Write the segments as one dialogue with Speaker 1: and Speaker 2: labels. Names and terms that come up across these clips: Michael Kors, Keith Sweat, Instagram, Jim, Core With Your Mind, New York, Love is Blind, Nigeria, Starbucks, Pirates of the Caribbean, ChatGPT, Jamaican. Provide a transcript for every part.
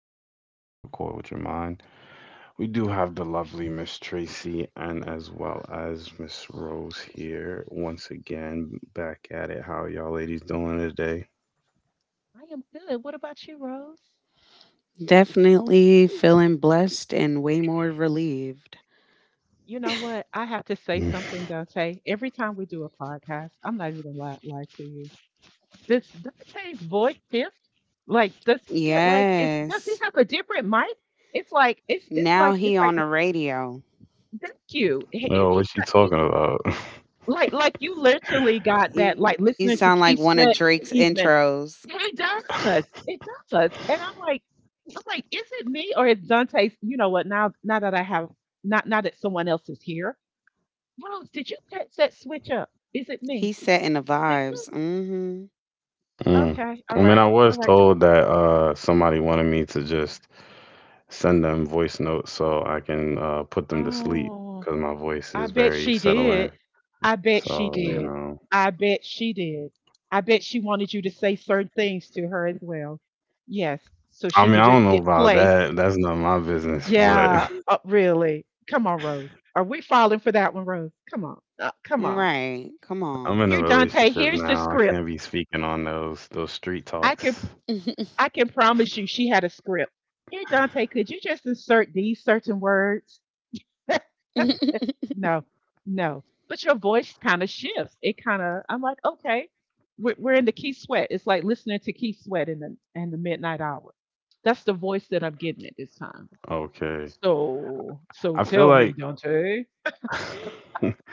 Speaker 1: Dante here with Core With Your Mind. We do have the lovely Miss Tracy and as well as Miss Rose here once again back at it. How are y'all ladies doing today?
Speaker 2: I am good. What about you, Rose?
Speaker 3: Definitely feeling blessed and way more relieved.
Speaker 2: You know what? I have to say something, Dante. Every time we do a podcast, I'm not even gonna lie to you. Does Dante's voice shift? Like, does he get like? Is does he
Speaker 3: Yes.
Speaker 2: have a different mic? It's like it's it's
Speaker 3: Now
Speaker 2: like
Speaker 3: he
Speaker 2: it's like
Speaker 3: on the radio.
Speaker 2: thank you.
Speaker 1: Yo, what you talking about?
Speaker 2: Like, you literally got that like
Speaker 3: You
Speaker 2: listening to
Speaker 3: sound like
Speaker 2: Keith
Speaker 3: one of
Speaker 2: Sweat in
Speaker 3: Drake's
Speaker 2: the evening.
Speaker 3: intros.
Speaker 2: It does. It does. And I'm like, is it me or is Dante's? You know what? Now that I have, not now that someone else is here. Rose, did you catch that switch up? Is it me?
Speaker 3: He's setting the
Speaker 2: Is it me?
Speaker 3: vibes. Mm-hmm.
Speaker 1: Mm.
Speaker 2: Okay. All
Speaker 1: I mean,
Speaker 2: right.
Speaker 1: I was
Speaker 2: All right. Do-
Speaker 1: told that somebody wanted me to just send them voice notes so I can put them to sleep
Speaker 2: oh,
Speaker 1: because my voice
Speaker 2: I
Speaker 1: is
Speaker 2: bet
Speaker 1: very
Speaker 2: she did.
Speaker 1: settling.
Speaker 2: I bet she
Speaker 1: So, you
Speaker 2: did.
Speaker 1: know.
Speaker 2: I bet she did. I bet she wanted you to say certain things to her as well. Yes. So
Speaker 1: I
Speaker 2: she
Speaker 1: mean,
Speaker 2: could
Speaker 1: I
Speaker 2: just
Speaker 1: don't know
Speaker 2: hit
Speaker 1: about
Speaker 2: play.
Speaker 1: that. That's none of my business, but
Speaker 2: Yeah. Really. Come on, Rose. Are we falling for that one, Rose? Come on. Come on.
Speaker 3: Right. Come
Speaker 1: I'm
Speaker 3: on.
Speaker 1: in a
Speaker 2: Here, Dante.
Speaker 1: relationship
Speaker 2: Here's the
Speaker 1: now. I
Speaker 2: script.
Speaker 1: can't be speaking on those street
Speaker 2: I
Speaker 1: talks.
Speaker 2: can. I can promise you she had a script. Here, Dante, could you just insert these certain words? No, no. But your voice kind of shifts. It kind of, I'm like, okay, we're in the Keith Sweat. It's like listening to Keith Sweat in the midnight hour. That's the voice that I'm getting at this time.
Speaker 1: Okay.
Speaker 2: So,
Speaker 1: I feel
Speaker 2: tell me,
Speaker 1: like
Speaker 2: Dante.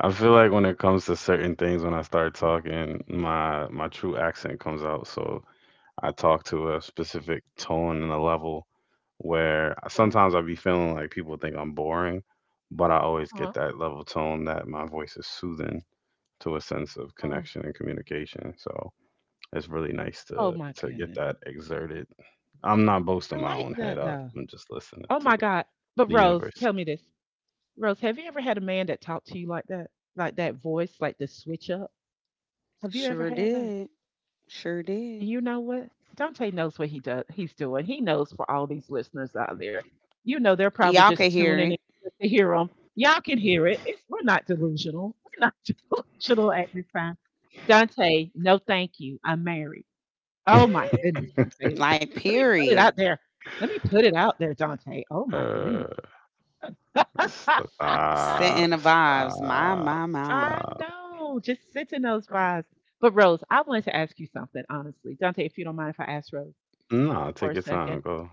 Speaker 1: I feel like when it comes to certain things when I start talking, my true accent comes out. So I talk to a specific tone and a level where
Speaker 2: Okay.
Speaker 1: sometimes I be feeling like people think I'm boring, but I always
Speaker 2: Uh-huh.
Speaker 1: get that level tone that my voice is soothing to a sense of
Speaker 2: Oh,
Speaker 1: connection and communication. So it's really nice
Speaker 2: oh,
Speaker 1: to
Speaker 2: my
Speaker 1: get
Speaker 2: goodness.
Speaker 1: that exerted. I'm not
Speaker 2: I
Speaker 1: boasting my
Speaker 2: like
Speaker 1: own head
Speaker 2: that
Speaker 1: up.
Speaker 2: though.
Speaker 1: I'm just listening
Speaker 2: Oh
Speaker 1: to
Speaker 2: my God. But
Speaker 1: the
Speaker 2: Rose,
Speaker 1: universe.
Speaker 2: tell me this. Rose, have you ever had a man that talked to you like that? Like that voice, like the switch up? Have you ever
Speaker 3: Sure
Speaker 2: had that?
Speaker 3: did. Sure did.
Speaker 2: And you know what? Dante knows what he's doing. He knows for all these listeners out there. You know they're probably
Speaker 3: Y'all
Speaker 2: just
Speaker 3: could hear
Speaker 2: tuning in
Speaker 3: it.
Speaker 2: just to hear him. Y'all can hear it. We're not delusional. We're not delusional at this time. Dante, no thank you. I'm married. Oh my goodness, Dante.
Speaker 3: Like,
Speaker 2: Let me put it
Speaker 3: period.
Speaker 2: out there. Let me put it out there, Dante. Oh my goodness.
Speaker 1: uh, stop,
Speaker 3: Setting the vibes. My,
Speaker 1: stop,
Speaker 3: my, my.
Speaker 2: I
Speaker 1: stop.
Speaker 2: know. Just sit those vibes. But Rose, I wanted to ask you something, honestly. Dante, if you don't mind if I ask Rose
Speaker 1: Nah,
Speaker 2: for
Speaker 1: take
Speaker 2: a
Speaker 1: your time.
Speaker 2: second.
Speaker 1: Go.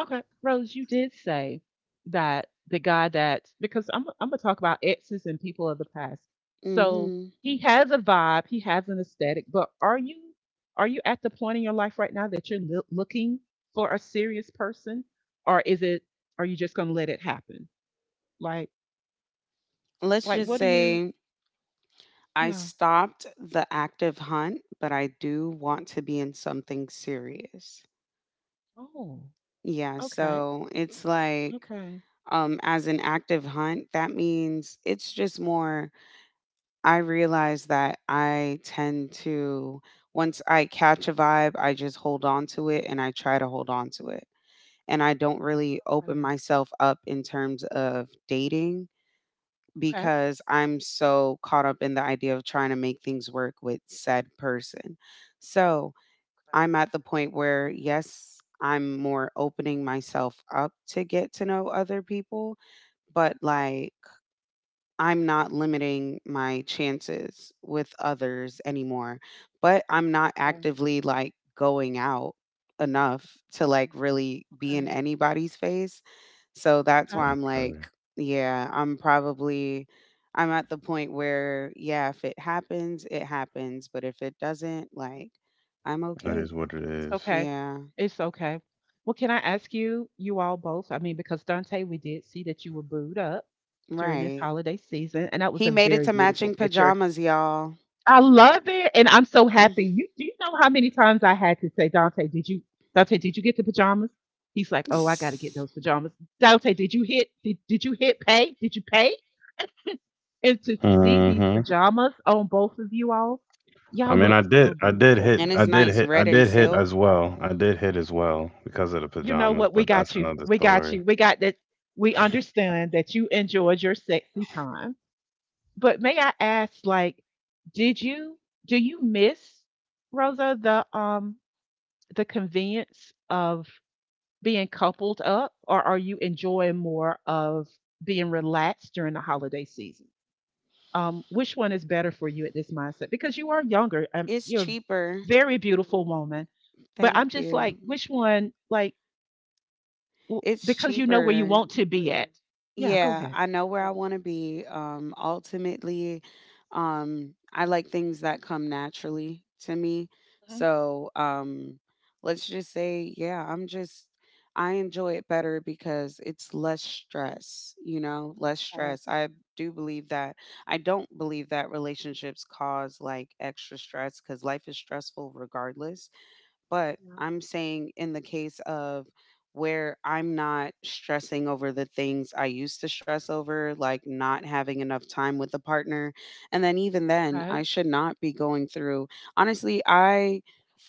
Speaker 2: Okay. Rose, you did say that the guy that, because I'm gonna talk about exes and people of the past. So
Speaker 3: Mm-hmm.
Speaker 2: he has a vibe, he has an aesthetic, but are you at the point in your life right now that you're looking for a serious person? Or is it are you just gonna let it happen? Like
Speaker 3: Let's
Speaker 2: like
Speaker 3: just
Speaker 2: what do you
Speaker 3: say I
Speaker 2: yeah.
Speaker 3: stopped the active hunt, but I do want to be in something serious.
Speaker 2: Oh,
Speaker 3: Yeah,
Speaker 2: okay.
Speaker 3: so it's like
Speaker 2: Okay.
Speaker 3: as an active hunt, that means it's just more. I realize that I tend to, once I catch a vibe, I just hold on to it and I try to hold on to it. And I don't really open
Speaker 2: Mm,
Speaker 3: myself up in terms of dating
Speaker 2: okay.
Speaker 3: because I'm so caught up in the idea of trying to make things work with said person. So I'm
Speaker 2: Okay.
Speaker 3: at the point where, yes, I'm more opening myself up to get to know other people, but like, I'm not limiting my chances with others anymore. But I'm not
Speaker 2: Okay.
Speaker 3: actively like going out enough to like really be in
Speaker 2: Okay.
Speaker 3: anybody's face, so that's why
Speaker 2: Okay.
Speaker 3: I'm
Speaker 1: Sure.
Speaker 3: like, yeah, I'm probably, I'm at the point where, yeah, if it happens, it happens, but if it doesn't, like, I'm
Speaker 1: That
Speaker 3: okay.
Speaker 1: is what it
Speaker 2: It's
Speaker 1: is.
Speaker 2: okay.
Speaker 3: Yeah.
Speaker 2: It's okay. Well, can I ask you all both? I mean, because Dante, we did see that you were booed up during this
Speaker 3: Right.
Speaker 2: holiday season, and that was
Speaker 3: He
Speaker 2: a
Speaker 3: made it
Speaker 2: very
Speaker 3: to
Speaker 2: beautiful
Speaker 3: matching
Speaker 2: picture.
Speaker 3: pajamas, y'all.
Speaker 2: I love it, and I'm so
Speaker 3: And
Speaker 2: happy. You do you know how many times I had to say, Dante, did you get the pajamas? He's like, oh, I gotta get
Speaker 3: it's
Speaker 2: those pajamas. Dante, did you hit pay? Did you pay? And to see these
Speaker 1: Mm-hmm.
Speaker 2: pajamas on both of you all,
Speaker 1: I
Speaker 2: y'all
Speaker 1: mean,
Speaker 2: look so
Speaker 1: I did
Speaker 2: beautiful.
Speaker 1: hit, I did
Speaker 3: nice,
Speaker 1: hit, I
Speaker 3: red and
Speaker 1: did hit
Speaker 3: silk.
Speaker 1: as well. I did hit as well because of the
Speaker 2: You know
Speaker 1: pajamas,
Speaker 2: what? We
Speaker 1: but
Speaker 2: got
Speaker 1: that's
Speaker 2: you.
Speaker 1: another
Speaker 2: We got
Speaker 1: story.
Speaker 2: you. We got that. We understand that you enjoyed your sexy time. But may I ask, like, did you do you miss Rosa the convenience of being coupled up, or are you enjoying more of being relaxed during the holiday season? Which one is better for you at this mindset, because you are younger,
Speaker 3: It's
Speaker 2: you're a
Speaker 3: cheaper.
Speaker 2: very beautiful woman, but I'm
Speaker 3: Thank
Speaker 2: just like
Speaker 3: you.
Speaker 2: which one, like
Speaker 3: It's
Speaker 2: because you know where you
Speaker 3: cheaper.
Speaker 2: want to be at. Yeah, go
Speaker 3: Yeah,
Speaker 2: ahead.
Speaker 3: I know where
Speaker 2: Okay.
Speaker 3: I want to be. Ultimately, I like things that come naturally to me.
Speaker 2: Mhm.
Speaker 3: So, let's just say, yeah, I enjoy it better because it's less stress, you know, less
Speaker 2: Okay,
Speaker 3: stress. I do believe that, I don't believe that relationships cause like extra stress because life is stressful regardless. But
Speaker 2: yeah.
Speaker 3: I'm saying in the case of where I'm not stressing over the things I used to stress over, like not having enough time with a partner. And then, even then,
Speaker 2: Okay.
Speaker 3: I should not be going through. Honestly, I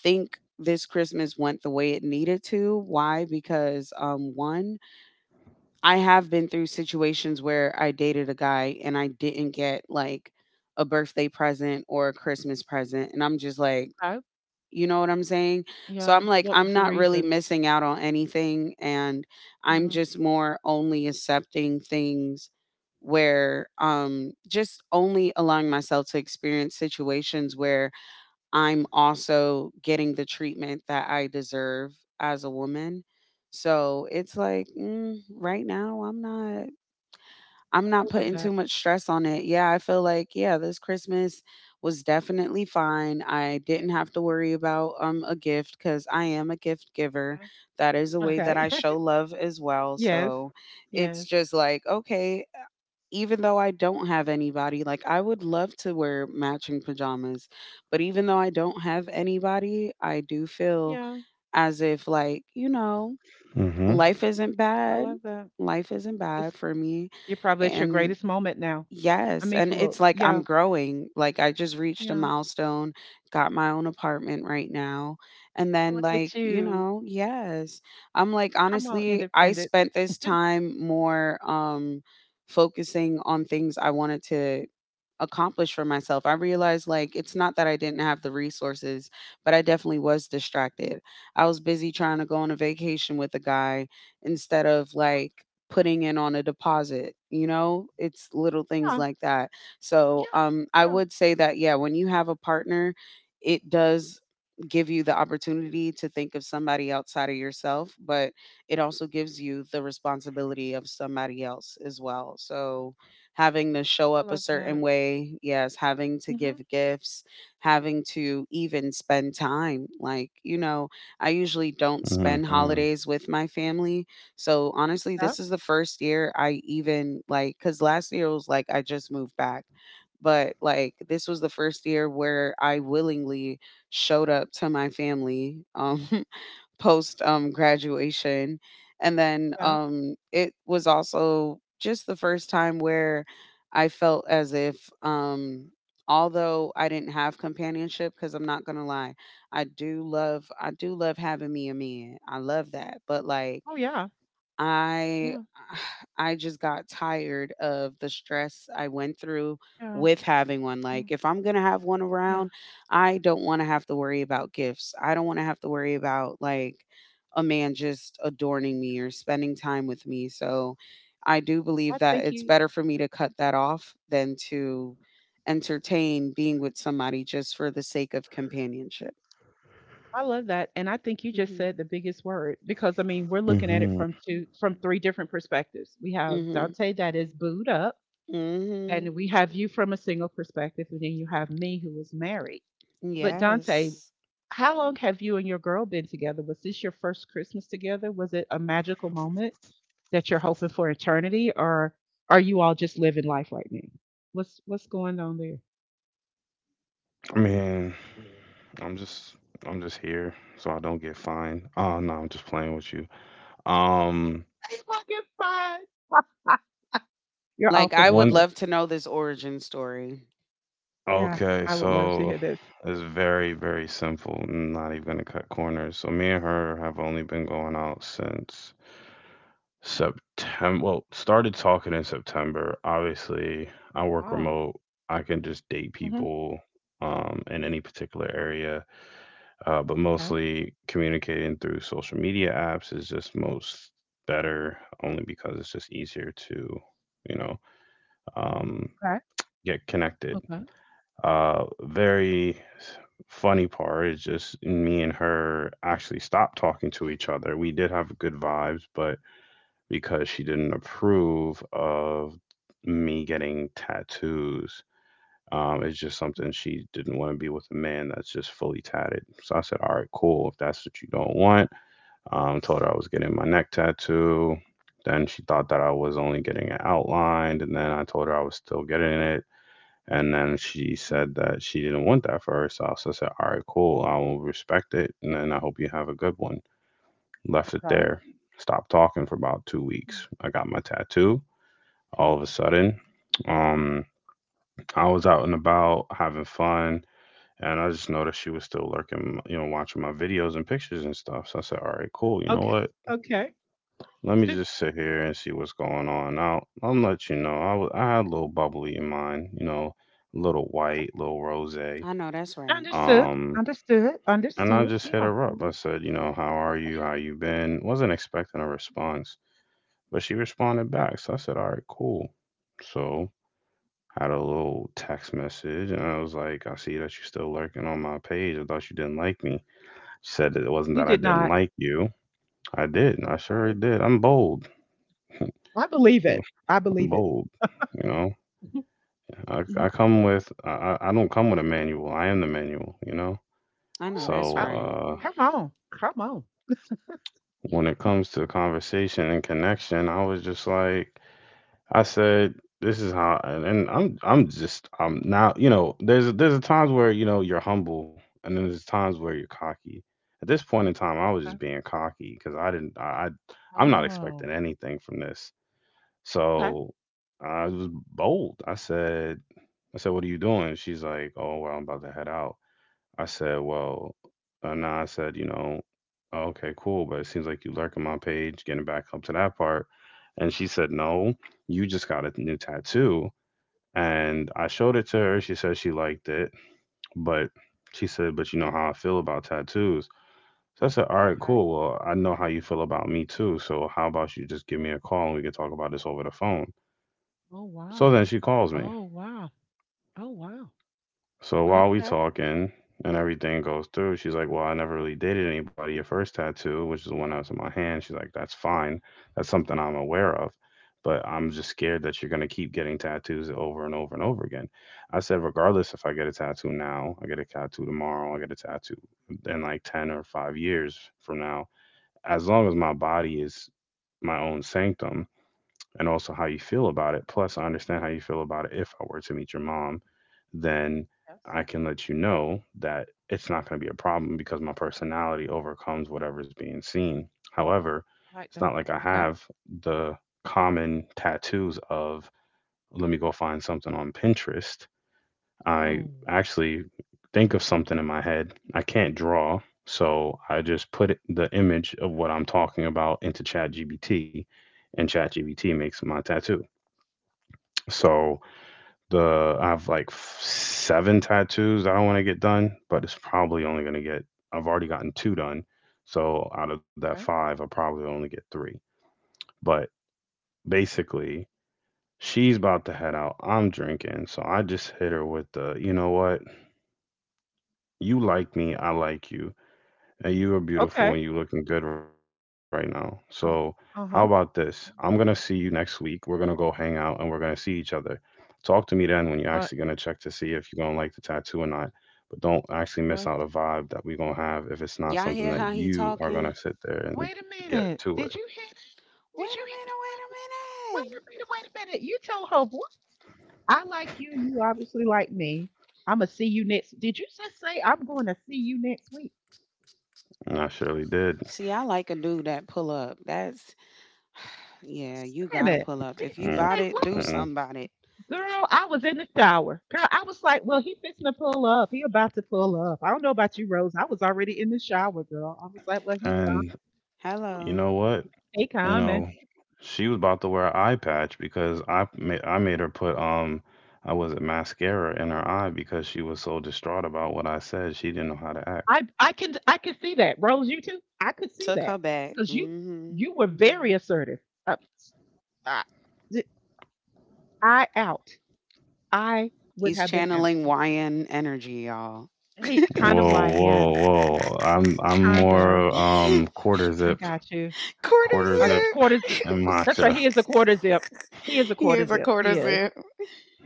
Speaker 3: think this Christmas went the way it needed to. Why? Because, one, I have been through situations where I dated a guy and I didn't get like a birthday present or a Christmas present. And I'm just like,
Speaker 2: Okay.
Speaker 3: you know what I'm saying? So
Speaker 2: Yeah.
Speaker 3: I'm like,
Speaker 2: What was
Speaker 3: I'm
Speaker 2: the
Speaker 3: not really
Speaker 2: reason?
Speaker 3: missing out on anything. And I'm
Speaker 2: Yeah.
Speaker 3: just more only accepting things where just only allowing myself to experience situations where I'm also getting the treatment that I deserve as a woman. So it's like, right now I'm
Speaker 2: I
Speaker 3: not
Speaker 2: love
Speaker 3: putting
Speaker 2: that.
Speaker 3: too much stress on it. Yeah, I feel like, yeah, this Christmas was definitely fine. I didn't have to worry about a gift cuz I am a gift giver. That is a way
Speaker 2: Okay.
Speaker 3: that I
Speaker 2: Okay.
Speaker 3: show love as well.
Speaker 2: Yes.
Speaker 3: So,
Speaker 2: Yes.
Speaker 3: it's just like, okay, even though I don't have anybody, like I would love to wear matching pajamas, but even though I don't have anybody, I do feel
Speaker 2: Yeah,
Speaker 3: as if, like, you know,
Speaker 1: Mm-hmm.
Speaker 3: life isn't
Speaker 2: I
Speaker 3: bad.
Speaker 2: love that.
Speaker 3: Life isn't bad
Speaker 2: It's
Speaker 3: for me.
Speaker 2: You're probably at your
Speaker 3: And
Speaker 2: greatest moment now. I
Speaker 3: yes,
Speaker 2: mean,
Speaker 3: and
Speaker 2: for
Speaker 3: it's
Speaker 2: real.
Speaker 3: like
Speaker 2: Yeah.
Speaker 3: I'm growing. Like, I just reached a
Speaker 2: Yeah.
Speaker 3: milestone, got my own apartment right now. And then,
Speaker 2: Look
Speaker 3: like,
Speaker 2: at
Speaker 3: you
Speaker 2: you.
Speaker 3: know, yes. I'm like,
Speaker 2: Come on,
Speaker 3: honestly, I
Speaker 2: independent.
Speaker 3: spent this time more focusing on things I wanted to accomplish for myself. I realized like it's not that I didn't have the resources, but I definitely was distracted. I was busy trying to go on a vacation with a guy instead of like putting in on a deposit, you know? It's little things like that. So,
Speaker 2: Yeah,
Speaker 3: I
Speaker 2: yeah,
Speaker 3: would say that yeah, when you have a partner, it does give you the opportunity to think of somebody outside of yourself, but it also gives you the responsibility of somebody else as well. So, having to show
Speaker 2: I
Speaker 3: up a
Speaker 2: love
Speaker 3: certain
Speaker 2: that.
Speaker 3: way, yes, having to
Speaker 2: Mhm.
Speaker 3: give gifts, having to even spend time. Like, you know, I usually don't spend
Speaker 1: Mm-hmm.
Speaker 3: holidays with my family. So honestly,
Speaker 2: Yeah,
Speaker 3: this is the first year I even like, because last year was like I just moved back, but like this was the first year where I willingly showed up to my family post graduation. And then
Speaker 2: yeah.
Speaker 3: it was also just the first time where I felt as if, although I didn't have companionship, because I'm not gonna lie, I do love having me a man. I love that, but like,
Speaker 2: Oh, yeah.
Speaker 3: I
Speaker 2: Yeah,
Speaker 3: I just got tired of the stress I went through
Speaker 2: yeah,
Speaker 3: with having one.
Speaker 2: mm,
Speaker 3: Like, if I'm going to have one
Speaker 2: yeah.
Speaker 3: around, I don't want to have to worry about gifts. I don't want to have to worry about like a man just adorning me or spending time with me. So I do believe
Speaker 2: I
Speaker 3: that
Speaker 2: think
Speaker 3: it's
Speaker 2: you
Speaker 3: better for me to cut that off than to entertain being with somebody just for the sake of companionship.
Speaker 2: I love that, and I think you just
Speaker 3: Mhm.
Speaker 2: said the biggest word because, I mean, we're looking at it
Speaker 1: Mm-hmm.
Speaker 2: from 2, from 3 different perspectives. We have
Speaker 3: Mhm.
Speaker 2: Dante that is booed up,
Speaker 3: Mhm.
Speaker 2: and we have you from a single perspective, and then you have me who is married. But Dante,
Speaker 3: Yes.
Speaker 2: how long have you and your girl been together? Was this your first Christmas together? Was it a magical moment that you're hoping for eternity, or are you all just living life right now? What's going on there?
Speaker 1: I mean, I'm just I'm just here so I don't get fined. Oh no, I'm just playing with you. Um
Speaker 2: It's fucking fun. Ah, You're off
Speaker 3: Like,
Speaker 2: for
Speaker 3: I would
Speaker 1: one
Speaker 2: that.
Speaker 3: love to know this origin story.
Speaker 2: Yeah,
Speaker 1: okay,
Speaker 2: I would love to
Speaker 1: so
Speaker 2: hear this.
Speaker 1: it's very, very simple. Not even gonna cut corners. So me and her have only been going out since September, well, started talking in September. Obviously I work
Speaker 2: Wow.
Speaker 1: remote. I can just date
Speaker 2: Hmm.
Speaker 1: people in any particular area. But
Speaker 2: Okay.
Speaker 1: mostly communicating through social media apps is just most better only because it's just easier to, you know, um,
Speaker 2: Okay.
Speaker 1: get connected.
Speaker 2: Okay.
Speaker 1: Very funny part is just me and her actually stopped talking to each other. We did have good vibes, but because she didn't approve of me getting tattoos, it's just something she didn't want to be with a man that's just fully tatted. So I said, all right, cool. If that's what you don't want, told her I was getting my neck tattoo. Then she thought that I was only getting it outlined, and then I told her I was still getting it. And then she
Speaker 2: Mm,
Speaker 1: said that she didn't want that for herself. So I said, "All right, cool. I will respect it, and then I hope you have a good one." Left it
Speaker 2: okay.
Speaker 1: there. Stopped talking for about two
Speaker 2: Mm.
Speaker 1: weeks. I got my tattoo. All of a sudden, um, I was out and about having fun, and I just noticed she was still lurking, you know, watching my videos and pictures and stuff. So I said, "All right, cool. You know
Speaker 2: Okay.
Speaker 1: what?
Speaker 2: Okay.
Speaker 1: Let me
Speaker 2: Okay.
Speaker 1: just sit here and see what's going on. I'll let you know. I had a little bubbly in mine, you know, a little white, little rosé.
Speaker 3: I know that's right.
Speaker 2: Understood.
Speaker 1: Um,
Speaker 2: Understood.
Speaker 1: and I
Speaker 2: Understood.
Speaker 1: just hit
Speaker 2: Yeah.
Speaker 1: her up.
Speaker 2: Mm.
Speaker 1: I said, you know, how are you? How
Speaker 2: Yeah.
Speaker 1: you been? Wasn't expecting a response, but she responded back. So I said, all right, cool. So had a little text message, and I was like, I see that you're still lurking on my page. I thought you didn't like me. She said that it wasn't
Speaker 2: You
Speaker 1: that I
Speaker 2: did
Speaker 1: didn't
Speaker 2: not.
Speaker 1: like you. I did. I sure
Speaker 2: Okay.
Speaker 1: did. I'm bold.
Speaker 2: I believe
Speaker 1: I'm
Speaker 2: it. I believe it.
Speaker 1: bold. You know.
Speaker 2: Hmm.
Speaker 1: I don't come with a manual. I am the manual, you know.
Speaker 3: I know
Speaker 1: So
Speaker 2: Oh,
Speaker 3: that's right.
Speaker 2: come on. Come on.
Speaker 1: when it comes to conversation and connection, I was just like, I said, this is how, and I'm just I'm now you know there's times where you know you're humble, and then there's times where you're cocky. At this point in time, I was just
Speaker 2: Okay.
Speaker 1: being cocky because I didn't I I'm not expecting
Speaker 2: Oh,
Speaker 1: anything from this.
Speaker 2: okay,
Speaker 1: So I was bold. I said, what are you doing? She's like, oh well, I'm about to head out. I said, well, nah, I said, you know, "Oh, okay, cool, but it seems like you lurking my page, getting back up to that part. And she said, no, you just got a new tattoo. And I showed it to her. She said she liked it, but she said, but you know how I feel about tattoos. So I said, all right,
Speaker 2: okay.
Speaker 1: cool. Well, I know how you feel about me too. So how about you just give me a call and we can talk about this over the phone?
Speaker 2: Oh,
Speaker 1: So
Speaker 2: wow.
Speaker 1: then she calls me.
Speaker 2: Oh, wow. Oh, wow.
Speaker 1: So while we
Speaker 2: Okay.
Speaker 1: talking and everything goes through, she's like, "Well, I never really dated anybody. Your first tattoo, which is the one that's in my hand, she's like, that's fine. That's something I'm aware of, but I'm just scared that you're gonna keep getting tattoos over and over and over again." I said, "Regardless, if I get a tattoo now, I get a tattoo tomorrow, I get a tattoo in like 10 or 5 years from now, as long as my body is my own sanctum." And also how you feel about it. Plus, I understand how you feel about it. If I were to meet your mom, then
Speaker 2: Yes.
Speaker 1: I can let you know that it's not going to be a problem because my personality overcomes whatever's being seen. However,
Speaker 2: Like
Speaker 1: it's not
Speaker 2: that.
Speaker 1: like I
Speaker 2: Okay.
Speaker 1: have the common tattoos of, let me go find something on Pinterest. I
Speaker 2: Oh,
Speaker 1: actually think of something in my head. I can't draw, so I just put it, the image of what I'm talking about into ChatGPT, and ChatGPT makes my tattoo. So the I have like seven tattoos I don't want to get done, but it's probably only going to get, I've already gotten two done. So out of that
Speaker 2: okay.
Speaker 1: five, I'll probably only get three. But basically, she's about to head out. I'm drinking, so I just hit her with the, you know what? You like me, I like you. And you are beautiful
Speaker 2: Okay.
Speaker 1: and you looking good right now. So how
Speaker 2: Oh,
Speaker 1: about this?
Speaker 2: uh-huh.
Speaker 1: I'm gonna see you next week. We're gonna go hang out and we're gonna see each other. Talk to me then when you're actually
Speaker 2: What?
Speaker 1: gonna check to see if you're gonna like the tattoo or not. But don't actually miss
Speaker 2: What?
Speaker 1: out a vibe that we're gonna have if it's not
Speaker 3: Y'all
Speaker 1: something
Speaker 3: hear how
Speaker 1: that
Speaker 3: he
Speaker 1: you are gonna
Speaker 3: talking?
Speaker 1: sit there and
Speaker 2: Wait a
Speaker 1: get
Speaker 2: minute.
Speaker 1: to
Speaker 2: Did
Speaker 1: it.
Speaker 2: you hear that? Did
Speaker 3: Wait
Speaker 2: you
Speaker 3: a
Speaker 2: hear that?
Speaker 3: minute, wait a
Speaker 2: Wait
Speaker 3: minute.
Speaker 2: a minute. Wait a minute. You tell her I like you. You obviously like me. I'm gonna see you next. Did you just say I'm going to see you next week?
Speaker 1: And I surely did.
Speaker 3: See, I like a dude that pull up. That's, yeah,
Speaker 2: What's
Speaker 3: you gotta
Speaker 2: that?
Speaker 3: pull up.
Speaker 2: Did you
Speaker 3: If
Speaker 1: mm
Speaker 3: you bought
Speaker 2: say
Speaker 3: it, do
Speaker 2: what?
Speaker 1: mm
Speaker 3: something about it.
Speaker 2: Girl, I was in the shower. Girl, I was like, well, he fixing to pull up. He about to pull up. I don't know about you, Rose. I was already in the shower, girl. I was like, well,
Speaker 1: And you
Speaker 3: Hello.
Speaker 1: know what?
Speaker 2: he
Speaker 1: You
Speaker 2: coming.
Speaker 1: know, she was about to wear an eye patch because I made her put I was it mascara in her eye because she was so distraught about what I said. She didn't know how to act.
Speaker 2: I can see that, Rose. You too. I could see
Speaker 3: Took
Speaker 2: that
Speaker 3: her back.
Speaker 2: because you
Speaker 3: Hmm.
Speaker 2: you were very assertive. Uh, I, I out. I would
Speaker 3: He's
Speaker 2: have been out.
Speaker 3: channeling YN energy, y'all.
Speaker 2: He kind of
Speaker 1: Whoa, whoa,
Speaker 2: YN,
Speaker 1: whoa. I'm
Speaker 2: kind of.
Speaker 1: more
Speaker 2: I got you.
Speaker 3: Quarter
Speaker 1: quarter
Speaker 2: A
Speaker 1: zip
Speaker 2: quarter zip.
Speaker 1: and
Speaker 2: That's
Speaker 3: zip.
Speaker 2: right.
Speaker 1: matcha.
Speaker 2: He is a quarter zip. He is a
Speaker 3: He
Speaker 2: quarter
Speaker 3: is a
Speaker 2: zip.
Speaker 3: quarter
Speaker 2: He is.
Speaker 3: zip.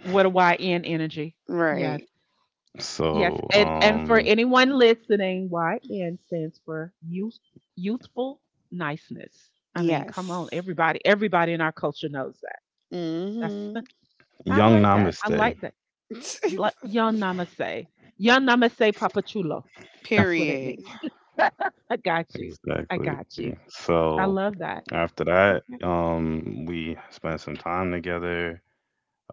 Speaker 2: What a YN energy. Yes.
Speaker 3: Right.
Speaker 2: Yes.
Speaker 1: So,
Speaker 2: And for anyone listening, YN stands for youthful niceness. I mean, come on,
Speaker 3: Yes.
Speaker 2: everybody. Everybody in our culture knows that. That's
Speaker 3: Hmm.
Speaker 2: I
Speaker 1: young
Speaker 2: like that. I
Speaker 1: namaste.
Speaker 2: like that. Like, young namaste. Young namaste papachulo. That's what it
Speaker 3: Period.
Speaker 2: means. I got you. I
Speaker 1: Exactly.
Speaker 2: got you.
Speaker 1: So
Speaker 2: I love that.
Speaker 1: after that,
Speaker 2: Okay.
Speaker 1: we spent some time together.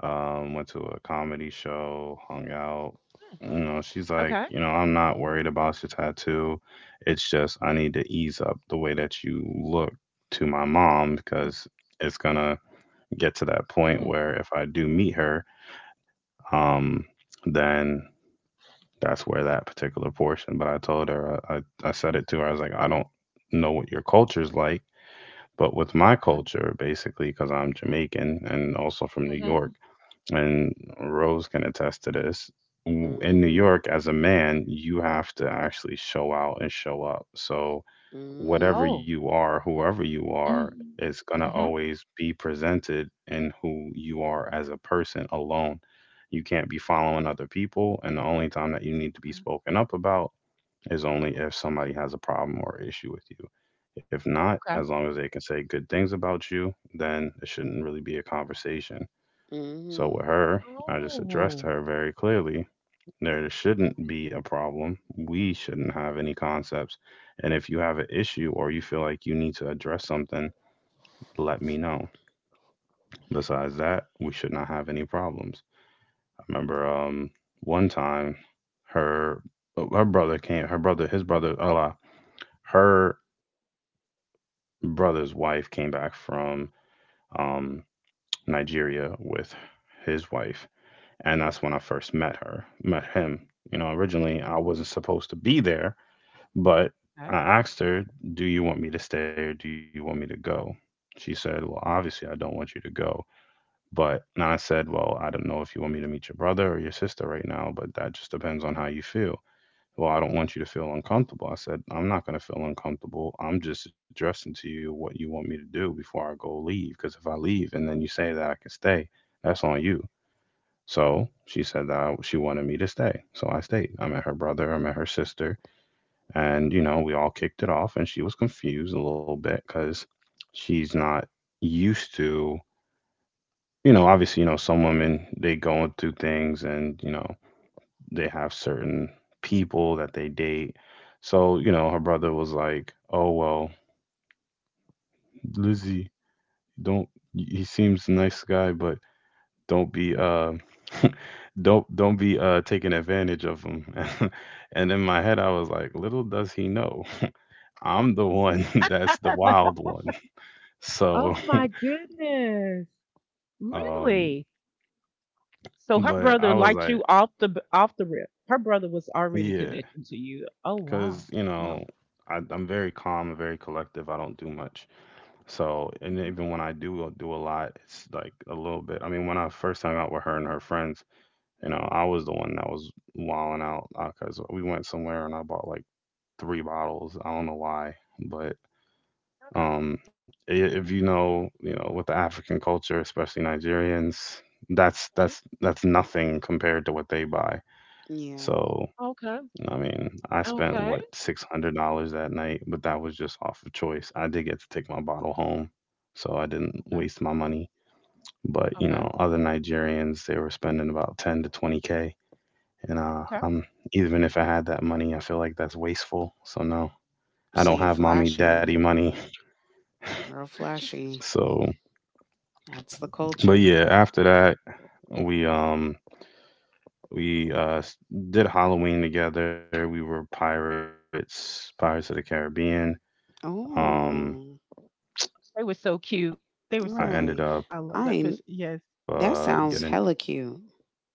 Speaker 1: Went to a comedy show, hung out.
Speaker 2: Mm,
Speaker 1: You know, she's like,
Speaker 2: okay.
Speaker 1: you know, I'm not worried about your tattoo. It's just I need to ease up the way that you look to my mom because it's gonna get to that point
Speaker 2: Mm,
Speaker 1: where if I do meet her, um, then that's where that particular portion. But I told her, I said it to her. I was like, I don't know what your culture's like, but with my
Speaker 2: okay.
Speaker 1: culture, basically, because I'm Jamaican and also from New York,
Speaker 2: Mhm.
Speaker 1: and Rose can attest to this. In New
Speaker 3: Mhm.
Speaker 1: York, as a man, you have to actually show out and show up. So, whatever
Speaker 3: Mhm.
Speaker 2: Oh.
Speaker 1: you are, whoever you are,
Speaker 2: Mhm.
Speaker 1: is going to
Speaker 2: Mhm.
Speaker 1: always be presented in who you are as a person alone. You can't be following other people. And the only time that you need to be
Speaker 2: Okay.
Speaker 1: spoken up about is only if somebody has a problem or issue with you. If not,
Speaker 2: Okay.
Speaker 1: as long as they can say good things about you, then it shouldn't really be a conversation. So
Speaker 3: Mhm.
Speaker 1: with her, I just addressed
Speaker 2: Oh.
Speaker 1: her very clearly. There shouldn't be a problem. We shouldn't have any concepts. And if you have an issue or you feel like you need to address something, let me know. Besides that, we should not have any problems. I remember one time her her brother came her brother his brother Allah her brother's wife came back from um Nigeria with his wife, and that's when I first met her, met him. You know, originally I wasn't supposed to be there, but
Speaker 2: Okay.
Speaker 1: I asked her, "Do you want me to stay or do you want me to go?" She said, "Well, obviously I don't want you to go." But and I said, "Well, I don't know if you want me to meet your brother or your sister right now, but that just depends on how you feel." Well, I don't want you to feel uncomfortable. I said, I'm not going to feel uncomfortable. I'm just addressing to you what you want me to do before I go leave. Because if I leave and then you say that I can stay, that's on you. So she said that she wanted me to stay. So I stayed. I met her brother, I met her sister, and you know, we all kicked it off and she was confused a little bit cuz she's not used to, you know, obviously, you know, some women they go through things and, you know, they have certain people that they date. So, you know, her brother was like, "Oh, well, Lizzie, don't he seems a nice guy, but don't be don't be taking advantage of him." And in my head I was like, little does he know. I'm the one that's the wild one. So,
Speaker 2: Oh my goodness.
Speaker 1: um
Speaker 2: Really? So her
Speaker 1: but I
Speaker 2: brother
Speaker 1: was
Speaker 2: liked
Speaker 1: like,
Speaker 2: you off off the rip. Her brother was already
Speaker 1: yeah,
Speaker 2: connected to you. Oh wow.
Speaker 1: cuz you
Speaker 2: Wow.
Speaker 1: know, I'm very calm and very collective. I don't do much. So, and
Speaker 2: Okay.
Speaker 1: even when I do do a lot, it's like a little bit. I mean, when I first hung out with her and her friends, you know, I was the one that was wilding out because we went somewhere and I bought like three bottles. I don't know why, but um, if you know, you know, with the African culture, especially Nigerians, that's that's
Speaker 2: Okay.
Speaker 1: that's nothing compared to what they buy.
Speaker 3: Yeah.
Speaker 1: So
Speaker 2: Okay.
Speaker 1: I mean, I spent
Speaker 2: Okay.
Speaker 1: what $600 that night, but that was just off of choice. I did get to take my bottle home, so I didn't
Speaker 2: Okay. Okay.
Speaker 1: waste my money. But you know,
Speaker 2: Okay.
Speaker 1: other Nigerians they were spending about 10 to 20 k, and
Speaker 2: Okay.
Speaker 1: I'm even if I had that money, I feel like that's wasteful. So no, I don't
Speaker 3: See,
Speaker 1: have mommy daddy
Speaker 3: flashy,
Speaker 2: Unders-
Speaker 1: money.
Speaker 3: real
Speaker 2: What you? S-
Speaker 3: flashy.
Speaker 1: So,
Speaker 3: That's the
Speaker 1: but
Speaker 3: culture.
Speaker 1: yeah, after that, we um we did Halloween together. We were pirates, Pirates of the
Speaker 3: Oh,
Speaker 1: Caribbean.
Speaker 2: They were so cute. They were so cute,
Speaker 3: right.
Speaker 2: girl. I love
Speaker 3: I
Speaker 1: Um,
Speaker 2: that
Speaker 3: ain't-
Speaker 2: fish. Yes,
Speaker 3: That sounds
Speaker 1: I
Speaker 3: hella
Speaker 1: ended
Speaker 3: cute.
Speaker 1: up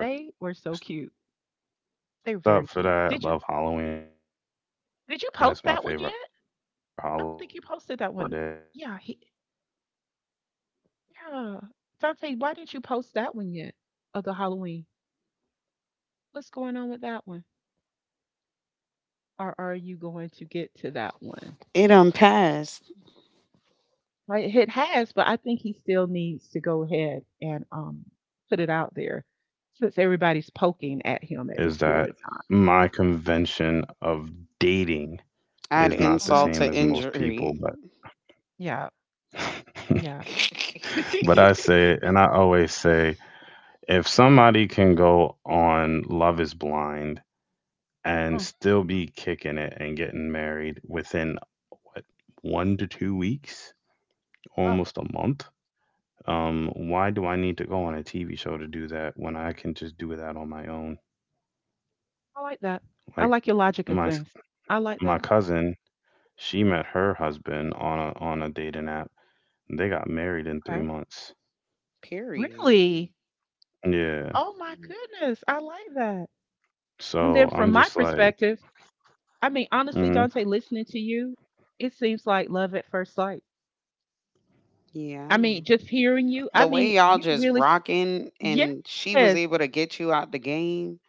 Speaker 2: they were so cute.
Speaker 1: getting dressed
Speaker 2: They were very
Speaker 1: up for
Speaker 2: cute.
Speaker 1: that. I
Speaker 2: Did you
Speaker 1: love Halloween. That's my favorite holiday.
Speaker 2: did you post
Speaker 1: Uh,
Speaker 2: that one yet?
Speaker 1: we then,
Speaker 2: I
Speaker 1: you
Speaker 2: don't
Speaker 1: know,
Speaker 2: think you
Speaker 1: all through
Speaker 2: posted that one.
Speaker 1: November, spent time
Speaker 2: Yeah,
Speaker 1: together almost every day because of her going to
Speaker 2: yeah.
Speaker 1: Nigeria for 2 weeks.
Speaker 2: Dante, why didn't you post
Speaker 1: And
Speaker 2: that one
Speaker 1: then, you
Speaker 2: yet
Speaker 1: know, fast forward
Speaker 2: of the
Speaker 1: till today,
Speaker 2: Halloween?
Speaker 1: you know, was that
Speaker 2: What's
Speaker 1: three,
Speaker 2: going
Speaker 1: four
Speaker 2: on with
Speaker 1: months
Speaker 2: that one?
Speaker 1: later? Still kicking it, having
Speaker 2: Or are
Speaker 1: fun,
Speaker 2: you going to get to
Speaker 1: being each
Speaker 2: that
Speaker 1: other's pain
Speaker 2: one?
Speaker 1: in the
Speaker 3: It
Speaker 1: neck, but
Speaker 3: unpassed.
Speaker 1: enjoying each other's quality time to make
Speaker 2: Right,
Speaker 1: sure
Speaker 2: it
Speaker 1: that we
Speaker 2: has, but I think
Speaker 1: stay
Speaker 2: he
Speaker 1: on
Speaker 2: still
Speaker 1: track.
Speaker 2: needs to go ahead and
Speaker 1: And that's
Speaker 2: put it
Speaker 1: about it.
Speaker 2: out there
Speaker 1: Now, with
Speaker 2: since
Speaker 1: the thing I
Speaker 2: everybody's
Speaker 1: can say
Speaker 2: poking
Speaker 1: though,
Speaker 2: at him at this
Speaker 1: is that
Speaker 2: period of time.
Speaker 1: my convention of dating
Speaker 3: Add
Speaker 1: is not the
Speaker 3: insult
Speaker 2: Hmm.
Speaker 1: same
Speaker 3: to
Speaker 1: as most people,
Speaker 3: injury.
Speaker 1: but
Speaker 2: Yeah, yeah.
Speaker 1: but I say, and I always say, if somebody can go on Love is Blind and
Speaker 2: Mm,
Speaker 1: still be kicking it and getting married within what 1 to 2 weeks,
Speaker 2: oh.
Speaker 1: almost a month. Why do I need to go on a TV show to do that when I can just do that on my own?
Speaker 2: I like that. I
Speaker 1: Like
Speaker 2: like your logic of
Speaker 1: my
Speaker 2: things. I like
Speaker 1: my
Speaker 2: that.
Speaker 1: cousin, she met her husband on a dating app. They got married in three
Speaker 2: Okay.
Speaker 1: months.
Speaker 3: Period.
Speaker 2: Really?
Speaker 1: Yeah.
Speaker 2: Oh my goodness. I like that. And then
Speaker 1: So
Speaker 2: from
Speaker 1: I'm
Speaker 2: my
Speaker 1: just like,
Speaker 2: perspective, I mean, honestly,
Speaker 1: mm,
Speaker 2: Dante, listening to you, it seems like love at first sight.
Speaker 3: Yeah.
Speaker 2: I mean, just hearing you, I
Speaker 3: The way
Speaker 2: mean,
Speaker 3: y'all
Speaker 2: you
Speaker 3: just
Speaker 2: really,
Speaker 3: rocking
Speaker 2: yes,
Speaker 3: and she was
Speaker 2: yes.
Speaker 3: able to get you out the game.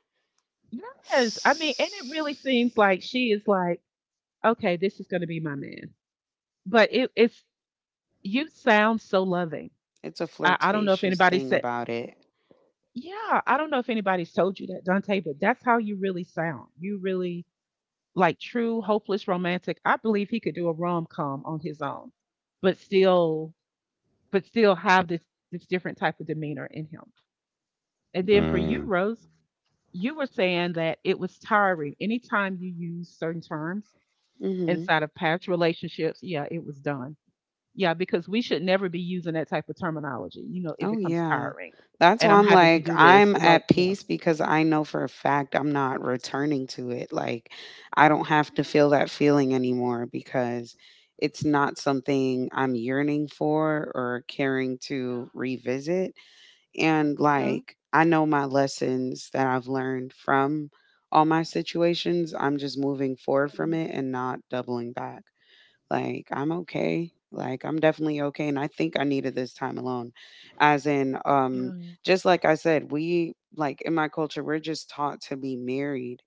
Speaker 2: I mean, and it really seems like she is like, okay, this is going to be my man. But you sound so loving.
Speaker 3: It's a
Speaker 2: I don't know if
Speaker 3: flirtatious
Speaker 2: anybody
Speaker 3: thing
Speaker 2: said,
Speaker 3: about it.
Speaker 2: yeah, I don't know if anybody's told you that, Dante, but that's how you really sound. You really, like, true hopeless romantic. I believe he could do a rom-com on his own, but still, have this different type of demeanor in him. And then for you,
Speaker 1: mm,
Speaker 2: Rose, you were saying that it was tiring. Anytime you use certain terms
Speaker 3: Hmm.
Speaker 2: inside of past relationships, yeah, it was done. Yeah, because we should never be using that type of terminology. You know, it
Speaker 3: Oh
Speaker 2: becomes
Speaker 3: yeah.
Speaker 2: tiring.
Speaker 3: That's
Speaker 2: And
Speaker 3: why
Speaker 2: I'm
Speaker 3: I'm
Speaker 2: having to
Speaker 3: like,
Speaker 2: do this.
Speaker 3: I'm
Speaker 2: Like,
Speaker 3: at
Speaker 2: yeah.
Speaker 3: peace because I know for a fact I'm not returning to it. Like, I don't have to
Speaker 2: Yeah.
Speaker 3: feel that feeling anymore because it's not something I'm yearning for or caring to revisit. And
Speaker 2: Yeah.
Speaker 3: like, I know my lessons that I've learned from all my situations. I'm just moving forward
Speaker 2: Yeah,
Speaker 3: from it and not doubling back. Like, I'm okay. Like, I'm definitely okay. And I think I needed this time alone. As in,
Speaker 2: yeah,
Speaker 3: just like I said, like in my culture, we're just taught to be married.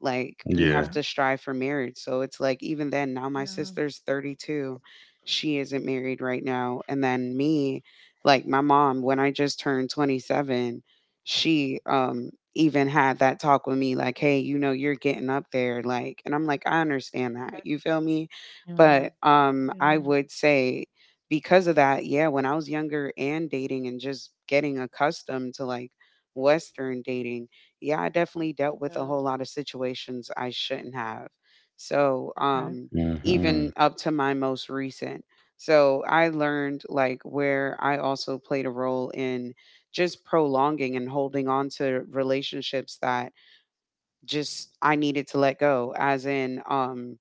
Speaker 3: Like, we have
Speaker 2: okay.
Speaker 3: to
Speaker 1: yeah,
Speaker 3: strive for marriage. So it's like, even then, now my
Speaker 2: Yeah,
Speaker 3: sister's 32. She isn't married right now. And then me, like my mom, when I just turned 27, she even had that talk with me, like, hey, you know, you're getting up there. Like, and I'm like, I understand
Speaker 2: that,
Speaker 3: that. You feel me?
Speaker 2: yeah,
Speaker 3: But I
Speaker 2: yeah,
Speaker 3: would say because of that, yeah, when I was younger and dating and just getting accustomed to like Western dating, yeah, I definitely dealt with a
Speaker 2: yeah,
Speaker 3: whole lot of situations I shouldn't have. So,
Speaker 2: okay.
Speaker 3: even
Speaker 1: mm-hmm,
Speaker 3: up to my most recent. So, I learned like where I also played a role in just prolonging and holding on to relationships that just I needed to let go, as in,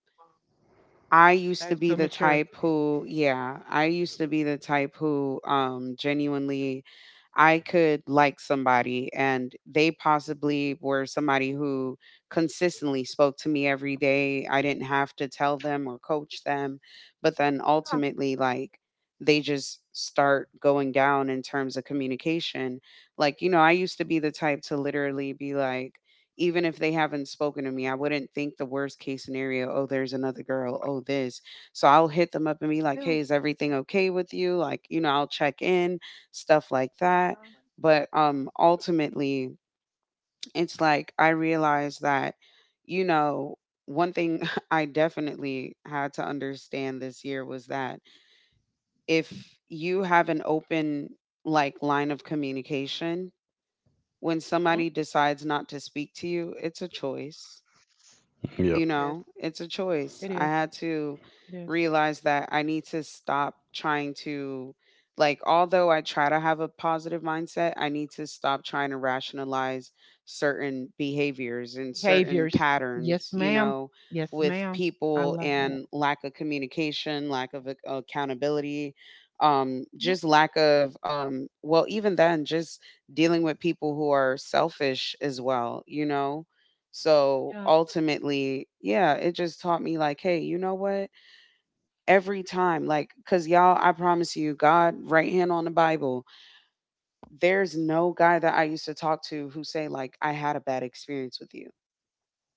Speaker 3: I used
Speaker 2: That
Speaker 3: to
Speaker 2: is
Speaker 3: be
Speaker 2: so
Speaker 3: the
Speaker 2: mature.
Speaker 3: type who, yeah, I used to be the type who genuinely I could like somebody and they possibly were somebody who consistently spoke to me every day. I didn't have to tell them or coach them, but then
Speaker 2: Yeah,
Speaker 3: ultimately like they just start going down in terms of communication. Like, you know, I used to be the type to literally be like, even if they haven't spoken to me, I wouldn't think the worst case scenario, oh, there's another girl, oh, this. So I'll hit them up and be like, hey, is everything okay with you? Like, you know, I'll check in, stuff like that.
Speaker 2: yeah.
Speaker 3: But ultimately, it's like I realized that, you know, one thing I definitely had to understand this year was that if you have an open like line of communication, when
Speaker 2: Mhm.
Speaker 3: somebody decides not to speak to you, it's a choice.
Speaker 1: yep,
Speaker 3: You
Speaker 2: It is.
Speaker 3: know, it's a choice.
Speaker 2: It
Speaker 3: I
Speaker 2: is.
Speaker 3: had to
Speaker 2: It is.
Speaker 3: realize that I need to stop trying to, like, although I try to have a positive mindset, I need to stop trying to rationalize certain behaviors and certain
Speaker 2: Behaviors.
Speaker 3: patterns,
Speaker 2: Yes,
Speaker 3: you
Speaker 2: ma'am.
Speaker 3: know,
Speaker 2: Yes,
Speaker 3: with
Speaker 2: ma'am. I
Speaker 3: people
Speaker 2: love that.
Speaker 3: and lack of communication, lack of accountability,
Speaker 2: Hmm.
Speaker 3: just lack of well, even then, just dealing with people who are selfish as well, you know. So
Speaker 2: Yeah, I
Speaker 3: ultimately, yeah, it just taught me like, hey, you know what? Every time, like, cause y'all, I promise you, God, right hand on the Bible. There's no guy that I used to talk to who say like, I had a bad experience with you.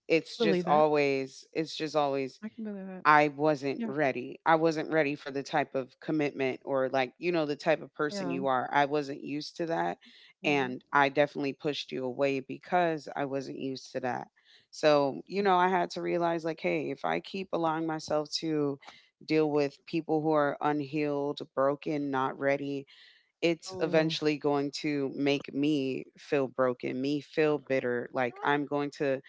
Speaker 2: believe that.
Speaker 3: It's just always
Speaker 2: I can believe that.
Speaker 3: I wasn't
Speaker 2: Yeah,
Speaker 3: ready. I wasn't ready for the type of commitment or, like, you know, the type of person
Speaker 2: yeah,
Speaker 3: you are. I wasn't used to that.
Speaker 2: yeah.
Speaker 3: And I definitely pushed you away because I wasn't used to that. So, you
Speaker 2: Mm.
Speaker 3: know, I had to realize like, hey, if I keep allowing myself to deal with people who are unhealed, broken, not ready, it's
Speaker 2: Oh,
Speaker 3: eventually going to make me feel broken, me feel bitter.
Speaker 2: you're
Speaker 3: Like
Speaker 2: right.
Speaker 3: I'm going to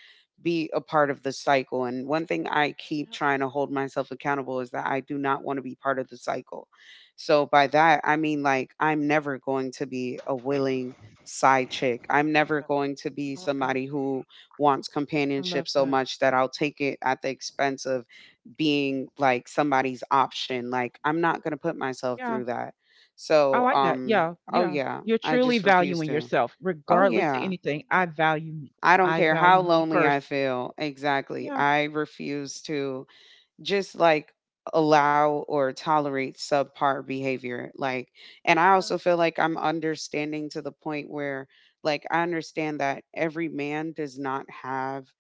Speaker 3: be a part of the cycle. And one thing I keep
Speaker 2: Yep.
Speaker 3: trying to hold myself accountable is that I do not want to be part of the cycle. So by that, I mean like I'm never going to be a willing side chick. I'm never
Speaker 2: I
Speaker 3: going to be
Speaker 2: I like that.
Speaker 3: somebody who wants
Speaker 2: I
Speaker 3: companionship
Speaker 2: love
Speaker 3: so
Speaker 2: that.
Speaker 3: much that I'll take it at the expense of being like somebody's option. Like I'm not going to put myself through
Speaker 2: Yeah.
Speaker 3: that.
Speaker 2: I
Speaker 3: So,
Speaker 2: like that. Yeah,
Speaker 3: oh
Speaker 2: yeah.
Speaker 3: yeah,
Speaker 2: You're
Speaker 3: I
Speaker 2: truly
Speaker 3: just refuse
Speaker 2: valuing
Speaker 3: to.
Speaker 2: yourself
Speaker 3: Oh
Speaker 2: regardless of
Speaker 3: yeah,
Speaker 2: anything. I value me.
Speaker 3: I don't
Speaker 2: I
Speaker 3: care how
Speaker 2: value me
Speaker 3: lonely I
Speaker 2: first.
Speaker 3: feel. Exactly.
Speaker 2: Yeah,
Speaker 3: I refuse to just like allow or tolerate subpar behavior, like, and I
Speaker 2: yeah,
Speaker 3: also feel like I'm understanding to the point where, like, I understand that every man does not have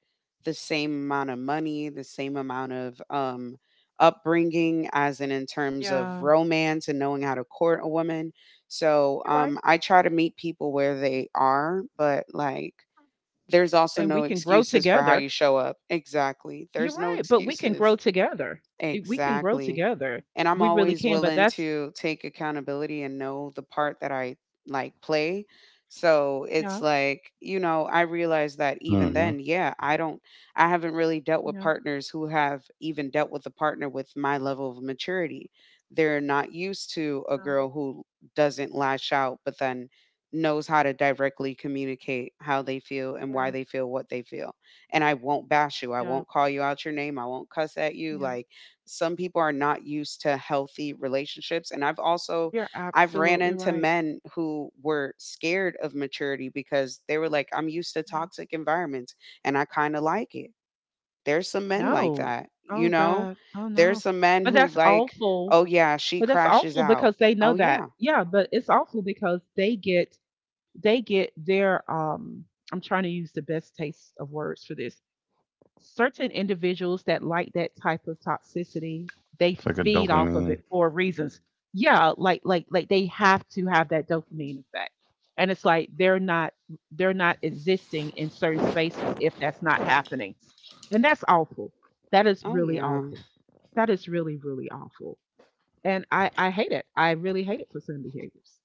Speaker 3: the same amount of money, the same amount of upbringing, as in terms of
Speaker 2: yeah.
Speaker 3: romance and knowing how to court a woman. So
Speaker 2: You're right.
Speaker 3: I try to meet people where they are, but like there's also
Speaker 2: And we
Speaker 3: no
Speaker 2: can grow
Speaker 3: excuses for how
Speaker 2: together.
Speaker 3: you show up. Exactly,
Speaker 2: You're
Speaker 3: there's no
Speaker 2: right, but we can grow
Speaker 3: excuses.
Speaker 2: together. We can grow
Speaker 3: Exactly.
Speaker 2: together.
Speaker 3: And I'm
Speaker 2: We really
Speaker 3: always
Speaker 2: can. But
Speaker 3: willing
Speaker 2: that's
Speaker 3: to take accountability and know the part that I like play. So it's
Speaker 2: Yeah,
Speaker 3: like, you know, I realize that even
Speaker 1: mm-hmm.
Speaker 3: then, yeah, I haven't really dealt with
Speaker 2: yeah,
Speaker 3: partners who have even dealt with a partner with my level of maturity. They're not used to a
Speaker 2: yeah,
Speaker 3: girl who doesn't lash out, but then knows how to directly communicate how they feel and why
Speaker 2: yeah,
Speaker 3: they feel what they feel. And I won't bash you. I
Speaker 2: yeah.
Speaker 3: won't call you out your name. I won't cuss at you.
Speaker 2: Yeah.
Speaker 3: Like, some people are not used to healthy relationships, and I've also
Speaker 2: You're
Speaker 3: I've ran
Speaker 2: absolutely
Speaker 3: into
Speaker 2: right.
Speaker 3: men who were scared of maturity because they were like, I'm used to
Speaker 2: Yeah.
Speaker 3: toxic environments and I kind of like it. There's some men like
Speaker 2: No.
Speaker 3: that, you
Speaker 2: Oh
Speaker 3: know?
Speaker 2: God. Oh
Speaker 3: There's
Speaker 2: no.
Speaker 3: some men
Speaker 2: But
Speaker 3: who
Speaker 2: that's
Speaker 3: like,
Speaker 2: awful.
Speaker 3: "Oh yeah, she
Speaker 2: But that's
Speaker 3: crashes
Speaker 2: awful
Speaker 3: out."
Speaker 2: because they know
Speaker 3: Oh
Speaker 2: that.
Speaker 3: yeah.
Speaker 2: Yeah, but it's awful because they get their I'm trying to use the best taste of words for this. Certain individuals that like that type of toxicity, they
Speaker 1: It's like a
Speaker 2: feed off of
Speaker 1: dopamine.
Speaker 2: it for reasons. Yeah, like they have to have that dopamine effect. And it's like they're not existing in certain spaces if that's not happening. And that's awful. That is
Speaker 3: Oh
Speaker 2: really
Speaker 3: yeah.
Speaker 2: awful. That is really really awful. And I hate it. I really hate it for certain behaviors.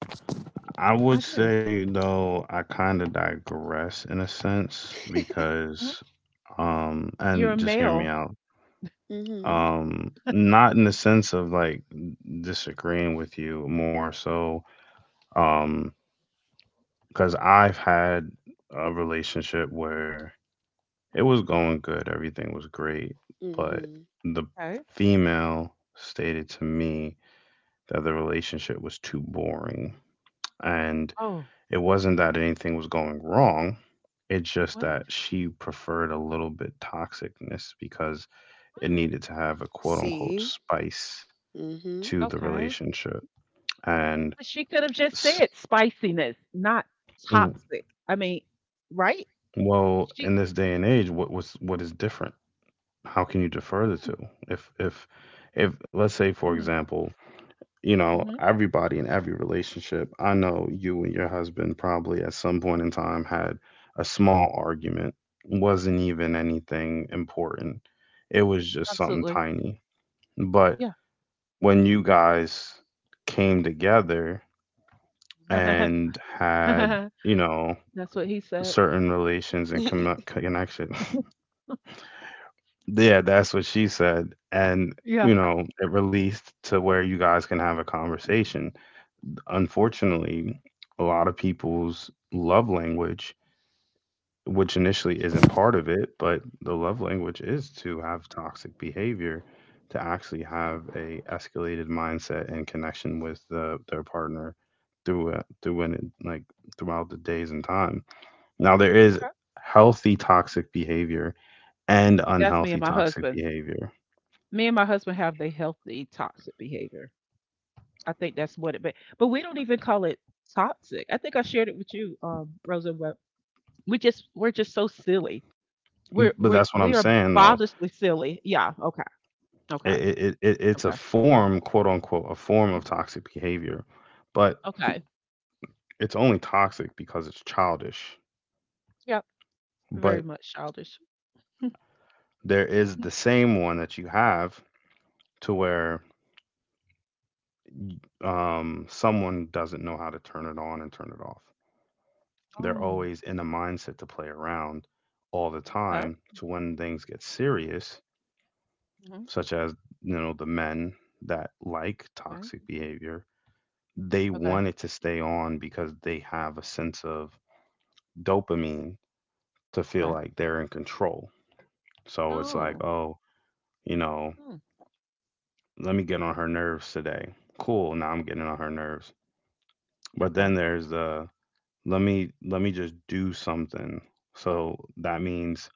Speaker 1: I would
Speaker 2: I do.
Speaker 1: say though I kind of digress in a sense
Speaker 2: Mhm.
Speaker 1: because
Speaker 2: You're
Speaker 1: and
Speaker 2: a
Speaker 1: just hear me
Speaker 2: male.
Speaker 1: out.
Speaker 3: Mhm.
Speaker 1: Not in the sense of like disagreeing with you, more so um cuz I've had a relationship where it was going good, everything was great, but
Speaker 3: Mhm.
Speaker 1: the female stated to me that the relationship was too boring and
Speaker 2: Oh,
Speaker 1: it wasn't that anything was going wrong. It's just
Speaker 2: what?
Speaker 1: that she preferred a little bit toxicness because it
Speaker 2: Mm,
Speaker 1: needed to have a quote unquote
Speaker 3: See?
Speaker 1: spice to
Speaker 3: Mhm.
Speaker 1: the
Speaker 2: okay.
Speaker 1: relationship. And
Speaker 2: But she could have just
Speaker 1: s-
Speaker 2: said spiciness, not
Speaker 1: w-
Speaker 2: toxic. I mean, right?
Speaker 1: well,
Speaker 2: She
Speaker 1: in this day and age, what was what is different? How can you defer the
Speaker 2: mm,
Speaker 1: two? If if let's say for
Speaker 2: mm,
Speaker 1: example, you know,
Speaker 2: mhm,
Speaker 1: everybody in every relationship, I know you and your husband probably at some point in time had a small argument, wasn't even anything important. It was just something
Speaker 2: absolutely.
Speaker 1: tiny. But
Speaker 2: Yeah.
Speaker 1: when you guys came together and had, you know,
Speaker 2: That's what he said.
Speaker 1: certain relations and connection, yeah, that's what she said. And,
Speaker 2: Yeah.
Speaker 1: you know, it released to where you guys can have a conversation.
Speaker 2: Mhm,
Speaker 1: Unfortunately, a lot of people's love language, which initially isn't
Speaker 2: yeah.
Speaker 1: part of it, but the love language is to have toxic behavior, to actually have a escalated mindset and connection with their partner through a- through an, like throughout the days and time. Now there is
Speaker 2: Okay.
Speaker 1: healthy toxic behavior and
Speaker 2: That's me and
Speaker 1: unhealthy
Speaker 2: my
Speaker 1: toxic
Speaker 2: husband.
Speaker 1: behavior.
Speaker 2: Me and my husband have the healthy toxic behavior. I think that's what it but we don't even call it toxic. I think I shared it with you, Rosa. But we're just so silly. We're we
Speaker 1: But that's what
Speaker 2: we
Speaker 1: I'm
Speaker 2: are
Speaker 1: saying though.
Speaker 2: childishly silly. Yeah, okay. Okay.
Speaker 1: It's a
Speaker 2: Okay.
Speaker 1: form, quote unquote, a form of
Speaker 2: Mhm.
Speaker 1: toxic behavior. But
Speaker 2: Okay.
Speaker 1: it's only toxic because it's childish,
Speaker 2: Yep, very
Speaker 1: but
Speaker 2: much childish.
Speaker 1: there is
Speaker 2: Mhm.
Speaker 1: the same one that you have to where someone doesn't know how to turn it on and turn it off. They're
Speaker 2: Oh,
Speaker 1: always in the mindset to play around all the
Speaker 2: okay.
Speaker 1: time, to when things get serious,
Speaker 2: Mhm.
Speaker 1: such as, you know, the men that like
Speaker 2: Okay.
Speaker 1: toxic behavior, they
Speaker 2: Okay.
Speaker 1: want it to stay on because they have a sense of dopamine to feel
Speaker 2: Okay.
Speaker 1: like they're in control. So it's like,
Speaker 2: Oh.
Speaker 1: oh, you know,
Speaker 2: Mm.
Speaker 1: let me get on her nerves today. Cool, now I'm getting on her nerves. But
Speaker 2: Okay.
Speaker 1: then there's the, let me just do something. So that means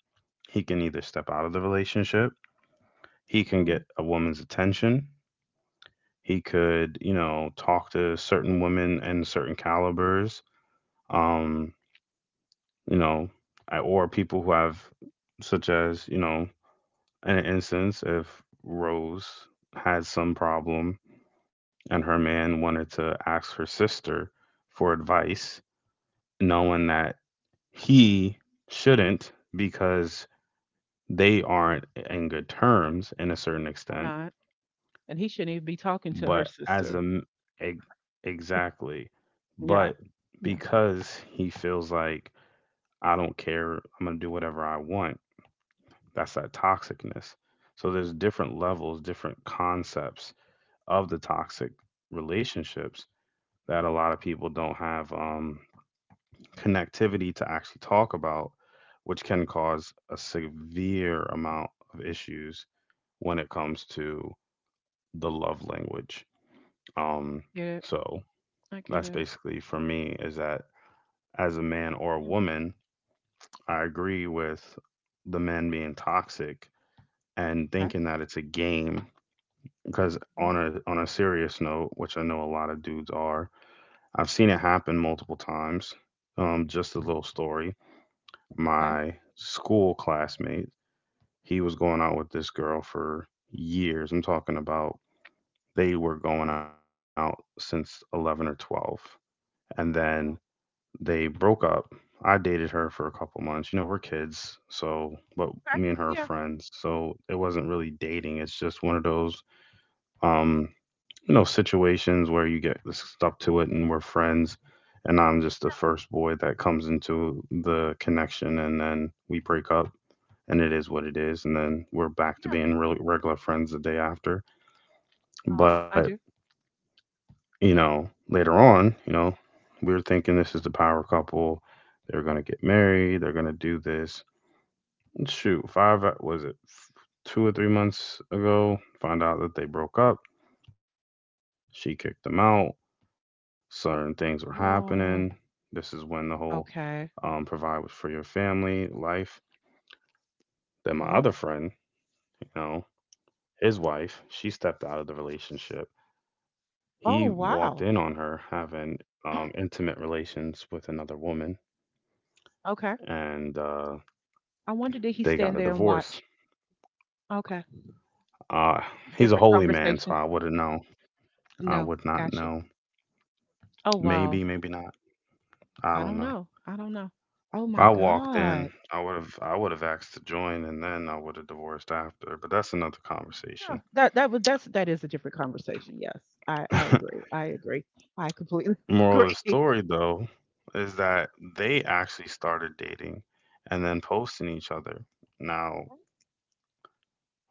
Speaker 1: he can either step out of the relationship, he can
Speaker 2: Mm.
Speaker 1: get a woman's attention, he could, you know, talk to certain women and certain calibers, um, you know, or people who have, such as, you know, in an instance if Rose had some problem and her man wanted to ask her sister for advice,
Speaker 2: Mhm.
Speaker 1: knowing that he shouldn't because they aren't in good terms in a certain
Speaker 2: Or
Speaker 1: extent.
Speaker 2: not. And he shouldn't even be talking
Speaker 1: But
Speaker 2: to her
Speaker 1: as a m-
Speaker 2: sister.
Speaker 1: ex- exactly, but
Speaker 2: Yeah. Yeah.
Speaker 1: because he feels like I don't care, I'm gonna do whatever I want. That's that toxicness. So there's different levels, different concepts of the toxic relationships that a lot of people don't have connectivity to actually talk about, which can cause a severe amount of issues when it comes to the love language. Um,
Speaker 2: Get it.
Speaker 1: so
Speaker 2: I get
Speaker 1: that's
Speaker 2: it.
Speaker 1: basically for me is that as a man or a
Speaker 2: Mm.
Speaker 1: woman, I agree with the men being toxic and
Speaker 2: Okay.
Speaker 1: thinking that it's a game. Because
Speaker 2: Mhm.
Speaker 1: on a serious note, which I know a lot of dudes are, I've seen it happen multiple times. Just a little story.
Speaker 2: Okay.
Speaker 1: My school classmate, he was going out with this girl for years. I'm talking about they were going out since 11 or 12. And then
Speaker 2: Wow.
Speaker 1: they broke up. I dated her for a couple months. You know, we're kids. So, but
Speaker 2: Okay.
Speaker 1: me and her are
Speaker 2: Yeah.
Speaker 1: friends. So it wasn't really dating. It's just one of those, um, you know, situations where you get stuck to it and we're friends. And I'm just the first boy that comes into the connection. And then we break up and it is what it is. And then we're back to
Speaker 2: Yeah.
Speaker 1: being really regular friends the day after.
Speaker 2: Uh-huh.
Speaker 1: But,
Speaker 2: I do.
Speaker 1: you know, later on, you know, we were thinking this is the power couple. They're going to get married. They're going to do this. And shoot, five, was it f- 2 or 3 months ago? Found out that they broke up. She kicked them out. Certain things were happening. This is when the
Speaker 2: Oh.
Speaker 1: whole provide
Speaker 2: Okay.
Speaker 1: for your family life. Then my other friend,
Speaker 2: Uh-huh.
Speaker 1: you know, his wife, she stepped out of the relationship.
Speaker 2: Oh,
Speaker 1: He walked
Speaker 2: wow.
Speaker 1: in on her having intimate relations with another woman,
Speaker 2: Okay.
Speaker 1: and
Speaker 2: I wonder did he
Speaker 1: they got
Speaker 2: stand
Speaker 1: a
Speaker 2: there and
Speaker 1: divorce.
Speaker 2: watch? Okay.
Speaker 1: Uh, he's a
Speaker 2: Different
Speaker 1: holy man, so
Speaker 2: conversation.
Speaker 1: I wouldn't know. I
Speaker 2: No,
Speaker 1: would
Speaker 2: I
Speaker 1: not
Speaker 2: got you.
Speaker 1: know.
Speaker 2: Oh
Speaker 1: Maybe,
Speaker 2: wow.
Speaker 1: maybe not. I
Speaker 2: I
Speaker 1: don't
Speaker 2: don't
Speaker 1: know. If
Speaker 2: know. I don't know. Oh my
Speaker 1: I walked in,
Speaker 2: God.
Speaker 1: I would have. I would have asked to join, and then I would have divorced after. But that's another
Speaker 2: Yeah,
Speaker 1: conversation.
Speaker 2: that that would that's that is a different conversation. Yes. I agree. I agree. I completely
Speaker 1: Moral of the
Speaker 2: agree.
Speaker 1: story, though, is that they actually started dating, and then posting each other. Now,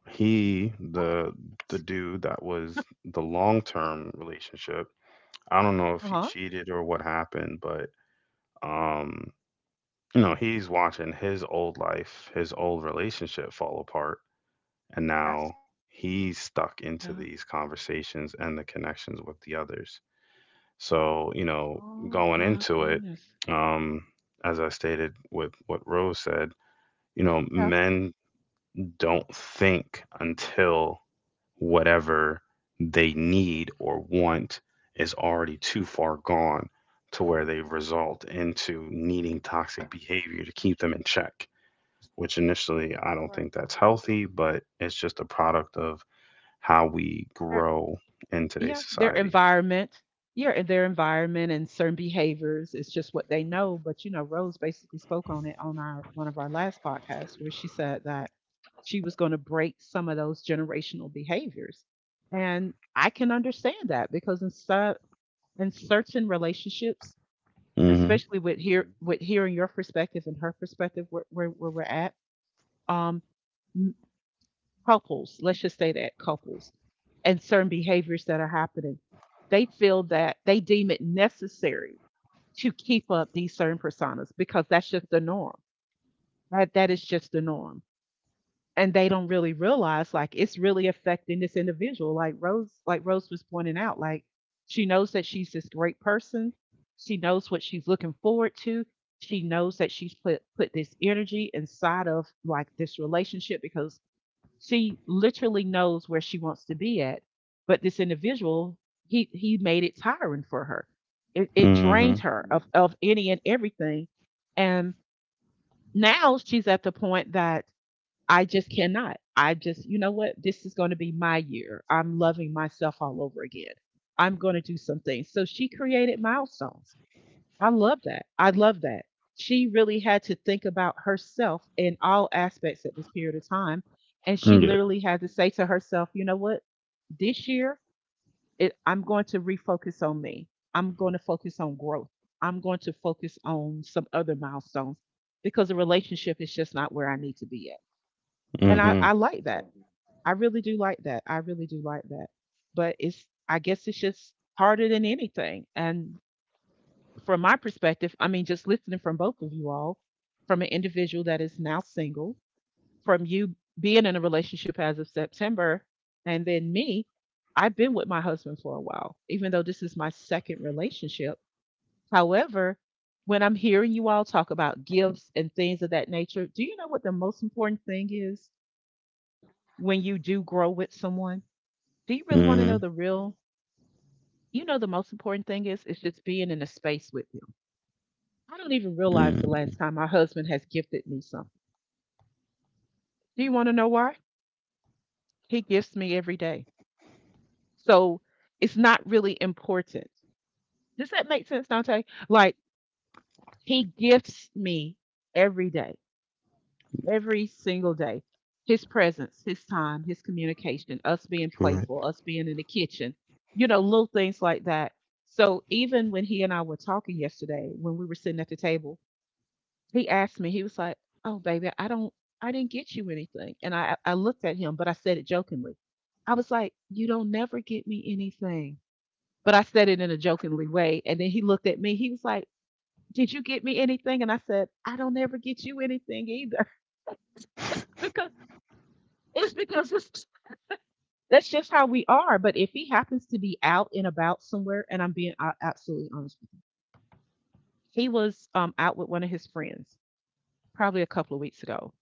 Speaker 1: he the dude that was the long term relationship, I don't know if he
Speaker 2: Uh-huh.
Speaker 1: cheated or what happened, but um you know, he's watching his old life, his old relationship fall apart, and
Speaker 2: Yes.
Speaker 1: now he's stuck into
Speaker 2: Yeah.
Speaker 1: these conversations and the connections with the others. So you know,
Speaker 2: Oh
Speaker 1: going
Speaker 2: my
Speaker 1: into it,
Speaker 2: goodness.
Speaker 1: um as I stated with what Rose said, you know,
Speaker 2: Yeah.
Speaker 1: men don't think until whatever they need or want is already too far gone, to where they result into needing toxic behavior to keep them in check, which initially I don't
Speaker 2: All
Speaker 1: think that's healthy, but it's just a product of how we
Speaker 2: right.
Speaker 1: grow in today's
Speaker 2: Yeah, their
Speaker 1: society.
Speaker 2: environment. Yeah, and their environment and certain behaviors. It's just what they know. But Rose basically spoke on it on our one of our last podcasts where she said that she was going to break some of those generational behaviors. And I can understand that because in certain relationships,
Speaker 1: Mhm.
Speaker 2: especially with hearing your perspective and her perspective where where we're at, um couples, let's just say that couples, and certain behaviors that are happening, they feel that they deem it necessary to keep up these certain personas because that's just the norm. That is just the norm. And they don't really realize like it's really affecting this individual. Like Rose, was pointing out, like she knows that she's this great person. She knows what she's looking forward to. She knows that she's put this energy inside of like this relationship because she literally knows where she wants to be at, but this individual, he made it tiring for her. It drained
Speaker 1: Mhm.
Speaker 2: her of any and everything, and now she's at the point that I just cannot. I just, you know what? This is going to be my year. I'm loving myself all over again. I'm going to do some things. So she created milestones. I love that. I love that. She really had to think about herself in all aspects at this period of time. And she
Speaker 1: Yeah.
Speaker 2: literally had to say to herself, you know what? This year, I'm going to refocus on me. I'm going to focus on growth. I'm going to focus on some other milestones because the relationship is just not where I need to be at. And I
Speaker 1: Mhm.
Speaker 2: like that. Mhm. I really do like that. I really do like that. But I guess it's just harder than anything. And from my perspective, I mean, just listening from both of you all, from an individual that is now single, from you being in a relationship as of September, and then me, I've been with my husband for a while, even though this is my second relationship. However, when I'm hearing you all talk about gifts and things of that nature, do you know what the most important thing is when you do grow with someone? Do you really want to know
Speaker 1: Mhm.
Speaker 2: the real? The most important thing is it's just being in a space with them. I don't even realize the
Speaker 1: Mhm.
Speaker 2: last time my husband has gifted me something. Do you want to know why? He gifts me every day. So it's not really important. Does that make sense, Dante? Like he gifts me every day, every single day. His presence, his time, his communication, us being playful,
Speaker 1: Correct.
Speaker 2: us being in the kitchen, little things like that. So even when he and I were talking yesterday, when we were sitting at the table, he asked me, he was like, "Oh, baby, I didn't get you anything." And I looked at him, but I said it jokingly. I was like, "You don't never get me anything," but I said it in a jokingly way. And then he looked at me. He was like, "Did you get me anything?" And I said, "I don't ever get you anything either." It's because it's because it's, that's just how we are. But if he happens to be out and about somewhere, and I'm being absolutely honest with you, he was out with one of his friends probably a couple of weeks ago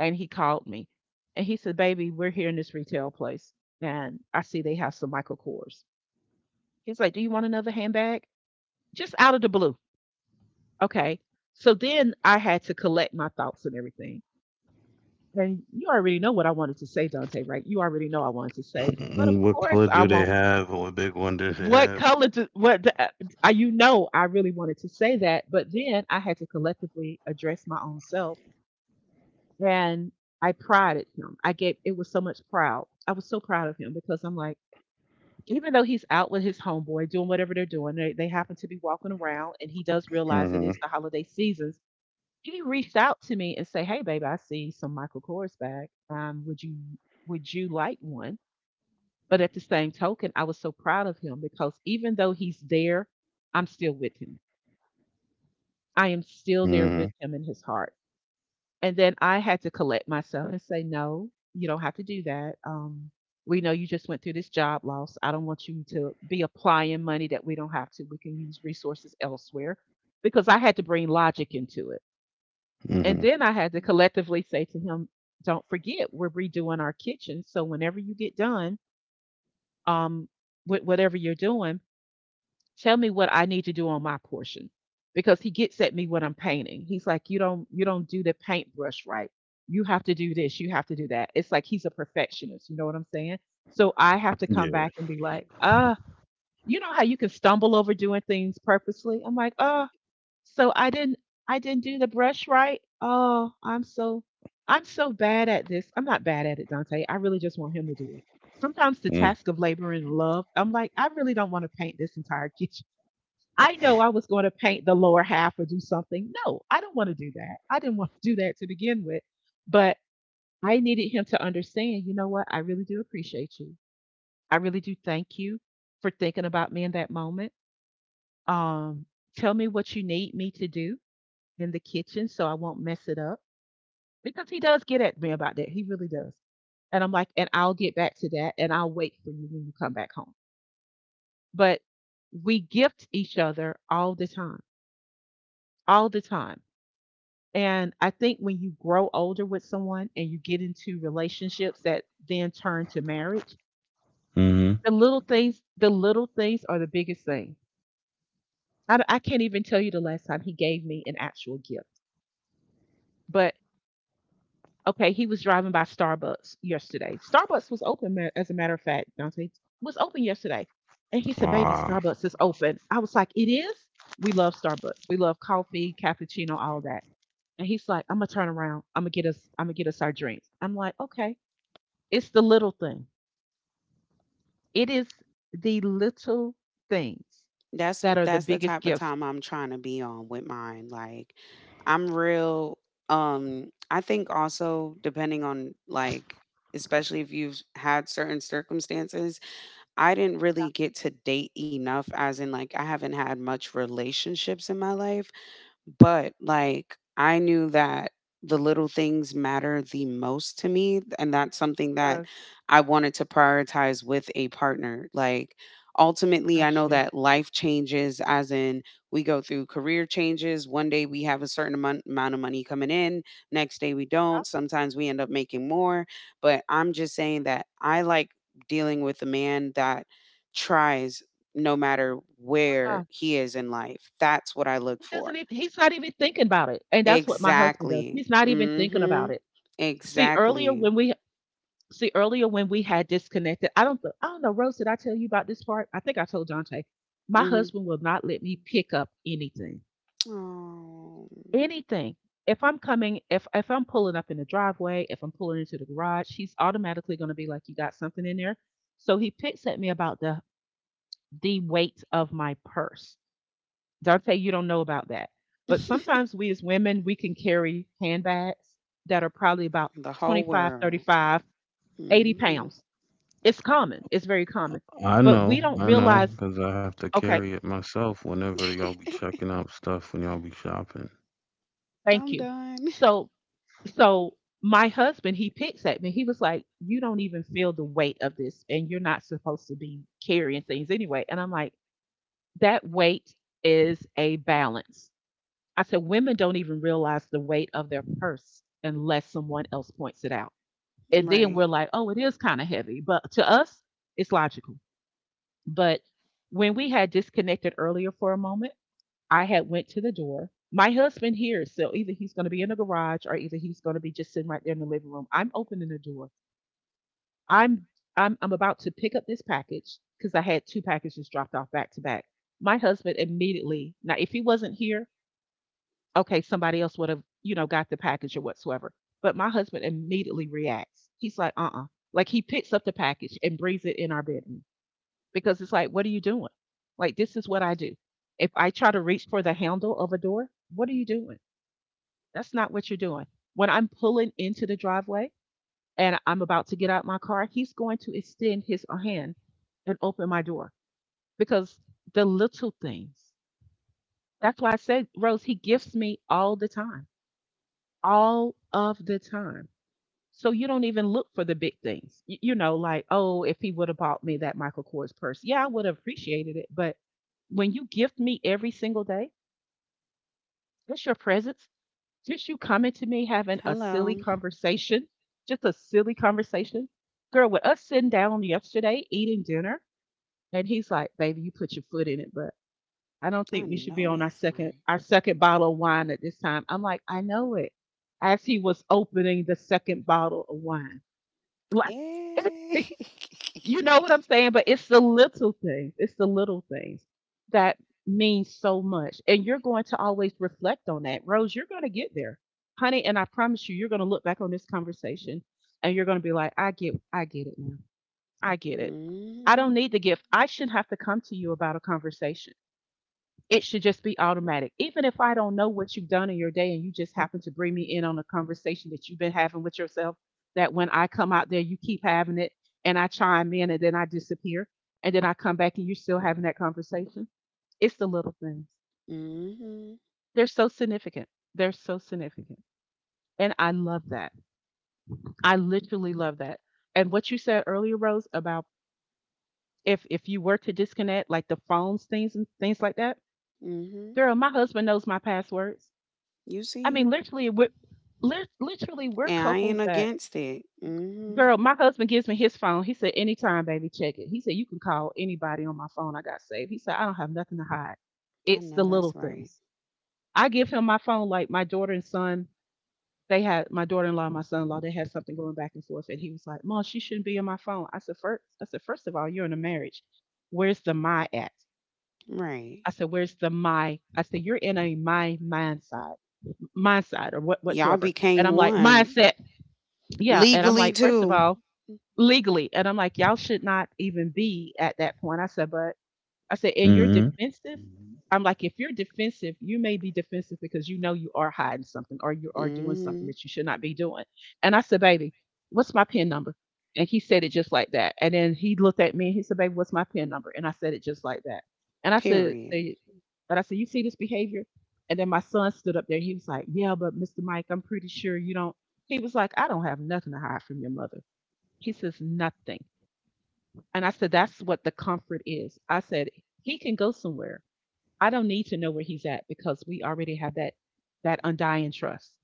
Speaker 2: and he called me and he said, "Baby, we're here in this retail place and I see they have some Michael Kors." He's like, "Do you want another handbag?" Just out of the blue. Okay. So then I had to collect my thoughts and everything. And you already know what I wanted to say, Dante, right? You already know I wanted to say, but
Speaker 1: Mm,
Speaker 2: of
Speaker 1: what
Speaker 2: course
Speaker 1: color
Speaker 2: I
Speaker 1: do they
Speaker 2: won't.
Speaker 1: have? What big one do they
Speaker 2: What
Speaker 1: have?
Speaker 2: color? What do, you know? I really wanted to say that, but then I had to collectively address my own self. And I prided him. I gave it was so much proud. I was so proud of him because I'm like, even though he's out with his homeboy doing whatever they're doing, they happen to be walking around and he does realize it
Speaker 1: Mm-hmm.
Speaker 2: is the holiday seasons. He reached out to me and say, "Hey baby, I see some Michael Kors bag. Would you like one?" But at the same token, I was so proud of him because even though he's there, I'm still with him. I am still there
Speaker 1: Mm-hmm.
Speaker 2: with him in his heart. And then I had to collect myself and say, "No, you don't have to do that. We know you just went through this job loss. I don't want you to be applying money that we don't have to. We can use resources elsewhere," because I had to bring logic into it. And then I had to collectively say to him, "Don't forget, we're redoing our kitchen. So whenever you get done um, with whatever you're doing, tell me what I need to do on my portion," because he gets at me when I'm painting. He's like, you don't do the paintbrush right. You have to do this. You have to do that." It's like he's a perfectionist. You know what I'm saying? So I have to come
Speaker 1: Mm-hmm.
Speaker 2: back and be like, "Ah, you know how you can stumble over doing things purposely." I'm like, "Oh, so I didn't do the brush right. Oh, I'm so bad at this." I'm not bad at it, Dante. I really just want him to do it. Sometimes the
Speaker 1: Yeah.
Speaker 2: task of labor and love, I'm like, I really don't want to paint this entire kitchen. I know I was going to paint the lower half or do something. No, I don't want to do that. I didn't want to do that to begin with. But I needed him to understand, you know what? I really do appreciate you. I really do thank you for thinking about me in that moment. Um, tell me what you need me to do in the kitchen so I won't mess it up. Because he does get at me about that. He really does. And I'm like, and I'll get back to that and I'll wait for you when you come back home. But we gift each other all the time, all the time. And I think when you grow older with someone and you get into relationships that then turn to marriage,
Speaker 1: Mhm.
Speaker 2: the little things are the biggest thing. I can't even tell you the last time he gave me an actual gift. But okay, he was driving by Starbucks yesterday. Starbucks was open, as a matter of fact, Dante was open yesterday. And he said, "Baby,
Speaker 1: Ah.
Speaker 2: Starbucks is open." I was like, "It is?" We love Starbucks. We love coffee, cappuccino, all that. And he's like, I'm gonna turn around. I'm gonna get us. I'm gonna get us our drinks. I'm like, okay. It's the little thing. It is the little things
Speaker 3: That's
Speaker 2: that are the
Speaker 3: that's the
Speaker 2: biggest
Speaker 3: type of
Speaker 2: gifts.
Speaker 3: time I'm trying to be on with mine. Like, I'm real, I think also depending on like, especially if you've had certain circumstances, I didn't really get to date enough, as in like I haven't had much relationships in my life, but like I knew that the little things matter the most to me, and that's something that
Speaker 2: Doctors
Speaker 3: I wanted to prioritize with a partner. Like ultimately
Speaker 2: got
Speaker 3: I know
Speaker 2: you.
Speaker 3: that life changes, as in we go through career changes. One day we have a certain amount of money coming in, next day we don't. Sometimes we end up making more, but I'm just saying that I like dealing with a man that tries no matter
Speaker 2: Uh-uh.
Speaker 3: where he is in life. That's what I look for.
Speaker 2: He's not even thinking about it. And that's what my husband does.
Speaker 3: Exactly.
Speaker 2: He's not even thinking about
Speaker 3: Mhm.
Speaker 2: it. See earlier
Speaker 3: Exactly.
Speaker 2: when we see earlier when we had disconnected, I don't know, Rose, did I tell you about this part? I think I told Dante. My
Speaker 3: Mhm.
Speaker 2: husband will not let me pick up anything.
Speaker 3: Oh.
Speaker 2: Anything. If I'm coming, if I'm pulling up in the driveway, if I'm pulling into the garage, he's automatically going to be like, "You got something in there?" So he picks at me about the weight of my purse. Dante, you don't know about that, but sometimes we as women we can carry handbags that are probably about
Speaker 3: The
Speaker 2: twenty
Speaker 3: whole
Speaker 2: five, thirty
Speaker 3: world.
Speaker 2: five, 80
Speaker 3: Mhm.
Speaker 2: pounds. It's common. It's very common, but we don't, mm-hmm,
Speaker 1: I know,
Speaker 2: realize.
Speaker 1: cause I have to
Speaker 2: Okay,
Speaker 1: carry it myself whenever y'all be checking out stuff when y'all be shopping.
Speaker 2: thank
Speaker 3: I'm
Speaker 2: you.
Speaker 3: done.
Speaker 2: So so my husband, he picks at me. He was like, you don't even feel the weight of this, and you're not supposed to be carrying things anyway. And I'm like, that weight is a balance. I said, women don't even realize the weight of their purse unless someone else points it out, and then
Speaker 3: Right.
Speaker 2: we're like, oh, it is kind of heavy, but to us it's logical. But when we had disconnected earlier for a moment, I had went to the door. My husband here, so either he's going to be in the garage or either he's going to be just sitting right there in the living room. I'm opening the door. I'm I'm about to pick up this package because I had two packages dropped off back to back. My husband immediately. Now, if he wasn't here, okay, somebody else would have, you know, got the package or whatsoever. But my husband immediately reacts. He's like, "Uh-uh." Like he picks up the package and brings it in our bedroom because it's like, what are you doing? Like, this is what I do. If I try to reach for the handle of a door, what are you doing? That's not what you're doing. When I'm pulling into the driveway and I'm about to get out my car, he's going to extend his hand and open my door because the little things. That's why I said, Rose, he gifts me all the time, all of the time. So you don't even look for the big things. Y- You know, like, oh, if he would have bought me that Michael Kors purse, yeah, I would have appreciated it. But when you gift me every single day, just your presence, just you coming to me having a silly
Speaker 3: Hello.
Speaker 2: conversation, just a silly conversation. Girl, with us sitting down yesterday eating dinner, and he's like, baby, you put your foot in it, but I don't
Speaker 3: I
Speaker 2: think we should
Speaker 3: know
Speaker 2: be on our
Speaker 3: that's
Speaker 2: second
Speaker 3: right.
Speaker 2: our second bottle of wine at this time. I'm like, I know it. As he was opening the second bottle of wine. Like
Speaker 3: Eh.
Speaker 2: You know what I'm saying? But it's the little things. It's the little things that mean so much. And you're going to always reflect on that. Rose, you're going to get there. Honey, and I promise you, you're going to look back on this conversation and you're going to be like, I get it now. I get it. I
Speaker 3: Mhm.
Speaker 2: don't need to give I shouldn't have to come to you about a conversation. It should just be automatic. Even if I don't know what you've done in your day and you just happen to bring me in on a conversation that you've been having with yourself, that when I come out there, you keep having it and I chime in and then I disappear and then I come back and you're still having that conversation. It's the little things.
Speaker 3: Mhm.
Speaker 2: They're so significant. They're so significant. And I love that. I literally love that. And what you said earlier, Rose, about if you were to disconnect like the phones things and things like that,
Speaker 3: Mhm.
Speaker 2: girl, my husband knows my passwords.
Speaker 3: You
Speaker 2: I mean,
Speaker 3: see,
Speaker 2: literally, we're, literally, we're
Speaker 3: and I ain't
Speaker 2: couples that,
Speaker 3: against it. Mhm.
Speaker 2: girl, my husband gives me his phone. He said, anytime, baby, check it. He said, you can call anybody on my phone. I got saved. He said, I don't have nothing to hide.
Speaker 3: I
Speaker 2: It's
Speaker 3: know
Speaker 2: the
Speaker 3: that's
Speaker 2: little
Speaker 3: right.
Speaker 2: things. I give him my phone, like my daughter and son, they had, my daughter in law and my son in law, they had something going back and forth. And he was like, Mom, she shouldn't be in my phone. I said, first of all, you're in a marriage. Where's the my at?
Speaker 3: Right.
Speaker 2: I said, where's the my? I said, you're in a my mindset, mindset or what,
Speaker 3: Y'all
Speaker 2: whatsoever.
Speaker 3: became
Speaker 2: And I'm like,
Speaker 3: one
Speaker 2: mindset. Yeah, and I'm
Speaker 3: legally
Speaker 2: like, first of
Speaker 3: too.
Speaker 2: all, legally, and I'm like, y'all should not even be at that point. I said, but I said, and you're
Speaker 1: Mhm.
Speaker 2: defensive. Mhm. I'm like, if you're defensive, you may be defensive because you know you are hiding something or you are doing something
Speaker 3: Mhm.
Speaker 2: that you should not be doing. And I said, baby, what's my PIN number? And he said it just like that. And then he looked at me and he said, baby, what's my PIN number? And I said it just like that. And I said,
Speaker 3: Period.
Speaker 2: say, but I said, you see this behavior? And then my son stood up there. And he was like, yeah, but Mr. Mike, I'm pretty sure you don't. He was like, I don't have nothing to hide from your mother. He says, nothing. And I said, that's what the comfort is. I said, he can go somewhere. I don't need to know where he's at because we already have that undying trust.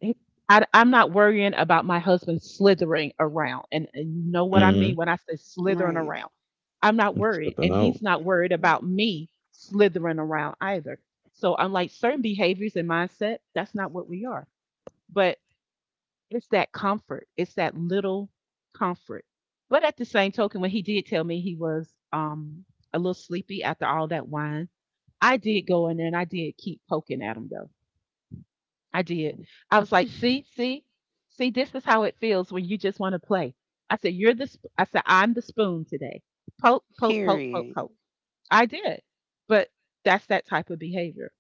Speaker 2: It- I am not worrying about my husband slithering around. And you know what I mean
Speaker 1: Mhm.
Speaker 2: when I say slithering
Speaker 3: Right.
Speaker 2: around. I'm not worried.
Speaker 1: Stepping
Speaker 2: And
Speaker 1: out.
Speaker 2: he's not worried about me slithering around either. So unlike certain behaviors and mindset, that's not what we are. But it's that comfort. It's that little comfort. But at the same token, when he did tell me he was a little sleepy after all that wine, I did go in there and I did keep poking at him though. I did. I was like, see, this is how it feels when you just want to play. I said, I said, I'm the spoon today. Poke, poke, poke, poke,
Speaker 3: Period.
Speaker 2: poke. I did. But that's that type of behavior.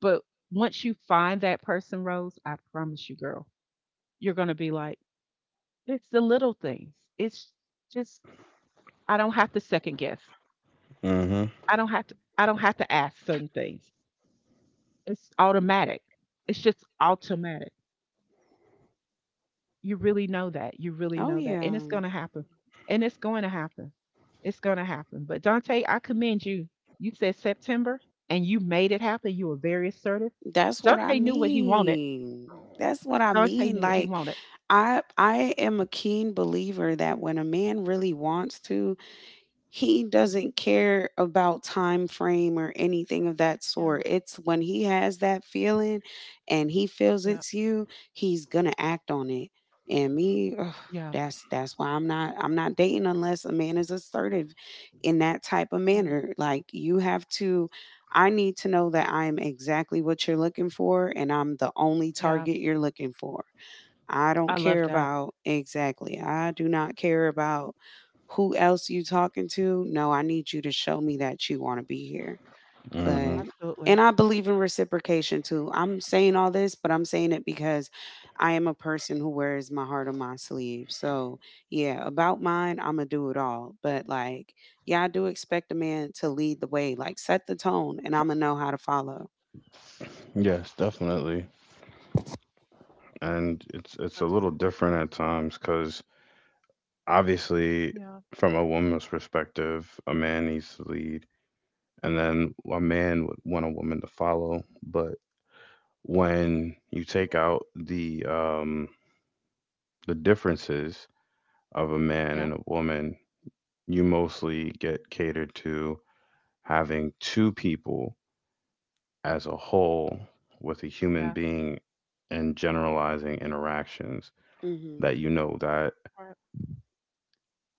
Speaker 2: But once you find that person, Rose, I promise you, girl, you're going to be like, it's the little things. It's just I don't have to second guess.
Speaker 1: Mhm.
Speaker 2: I don't have to ask certain things. It's automatic. It's just automatic. You really know that. You really
Speaker 3: Oh
Speaker 2: know that.
Speaker 3: yeah.
Speaker 2: And it's gonna happen. And it's going to happen. It's gonna happen. But Dante, I commend you. You said September and you made it happen. You were very assertive.
Speaker 3: That's what I
Speaker 2: Dante knew what he wanted.
Speaker 3: mean. That's what I
Speaker 2: Dante
Speaker 3: mean.
Speaker 2: knew what he
Speaker 3: Like,
Speaker 2: wanted.
Speaker 3: I am a keen believer that when a man really wants to, he
Speaker 2: Yeah,
Speaker 3: doesn't care about time frame or anything of that
Speaker 2: yeah,
Speaker 3: sort. It's when he has that feeling and he feels
Speaker 2: yeah,
Speaker 3: it's you, he's gonna act on it. And me, ugh,
Speaker 2: yeah,
Speaker 3: that's why I'm not dating unless a man is assertive in that type of
Speaker 2: yeah,
Speaker 3: manner. Like, you have to I need to know that I am exactly what you're looking for and I'm the only
Speaker 2: yeah.
Speaker 3: target you're looking for. I don't
Speaker 2: I love
Speaker 3: care
Speaker 2: that.
Speaker 3: about. Exactly. I do not care about who else you talking to. No, I need you to show me that you want to be here. But
Speaker 1: Mhm.
Speaker 2: Absolutely.
Speaker 3: and I believe in reciprocation too. I'm saying all this, but I'm saying it because I am a person who wears my heart on my sleeve. So, yeah, about mine, I'm going to do it all. But like, yeah, I do expect a man to lead the way, like set the tone, and I'm going to know how to follow.
Speaker 1: Yes, definitely. And it's a
Speaker 2: But
Speaker 1: little different at times because obviously,
Speaker 2: yeah,
Speaker 1: from a woman's perspective, a man needs to lead, and then a man would want a woman to follow. But when you take out the the differences of a man
Speaker 2: yeah.
Speaker 1: and a woman, you mostly get catered to having two people as a whole with a human
Speaker 2: Yeah,
Speaker 1: being and generalizing interactions
Speaker 3: Mhm.
Speaker 1: that you know that
Speaker 2: right.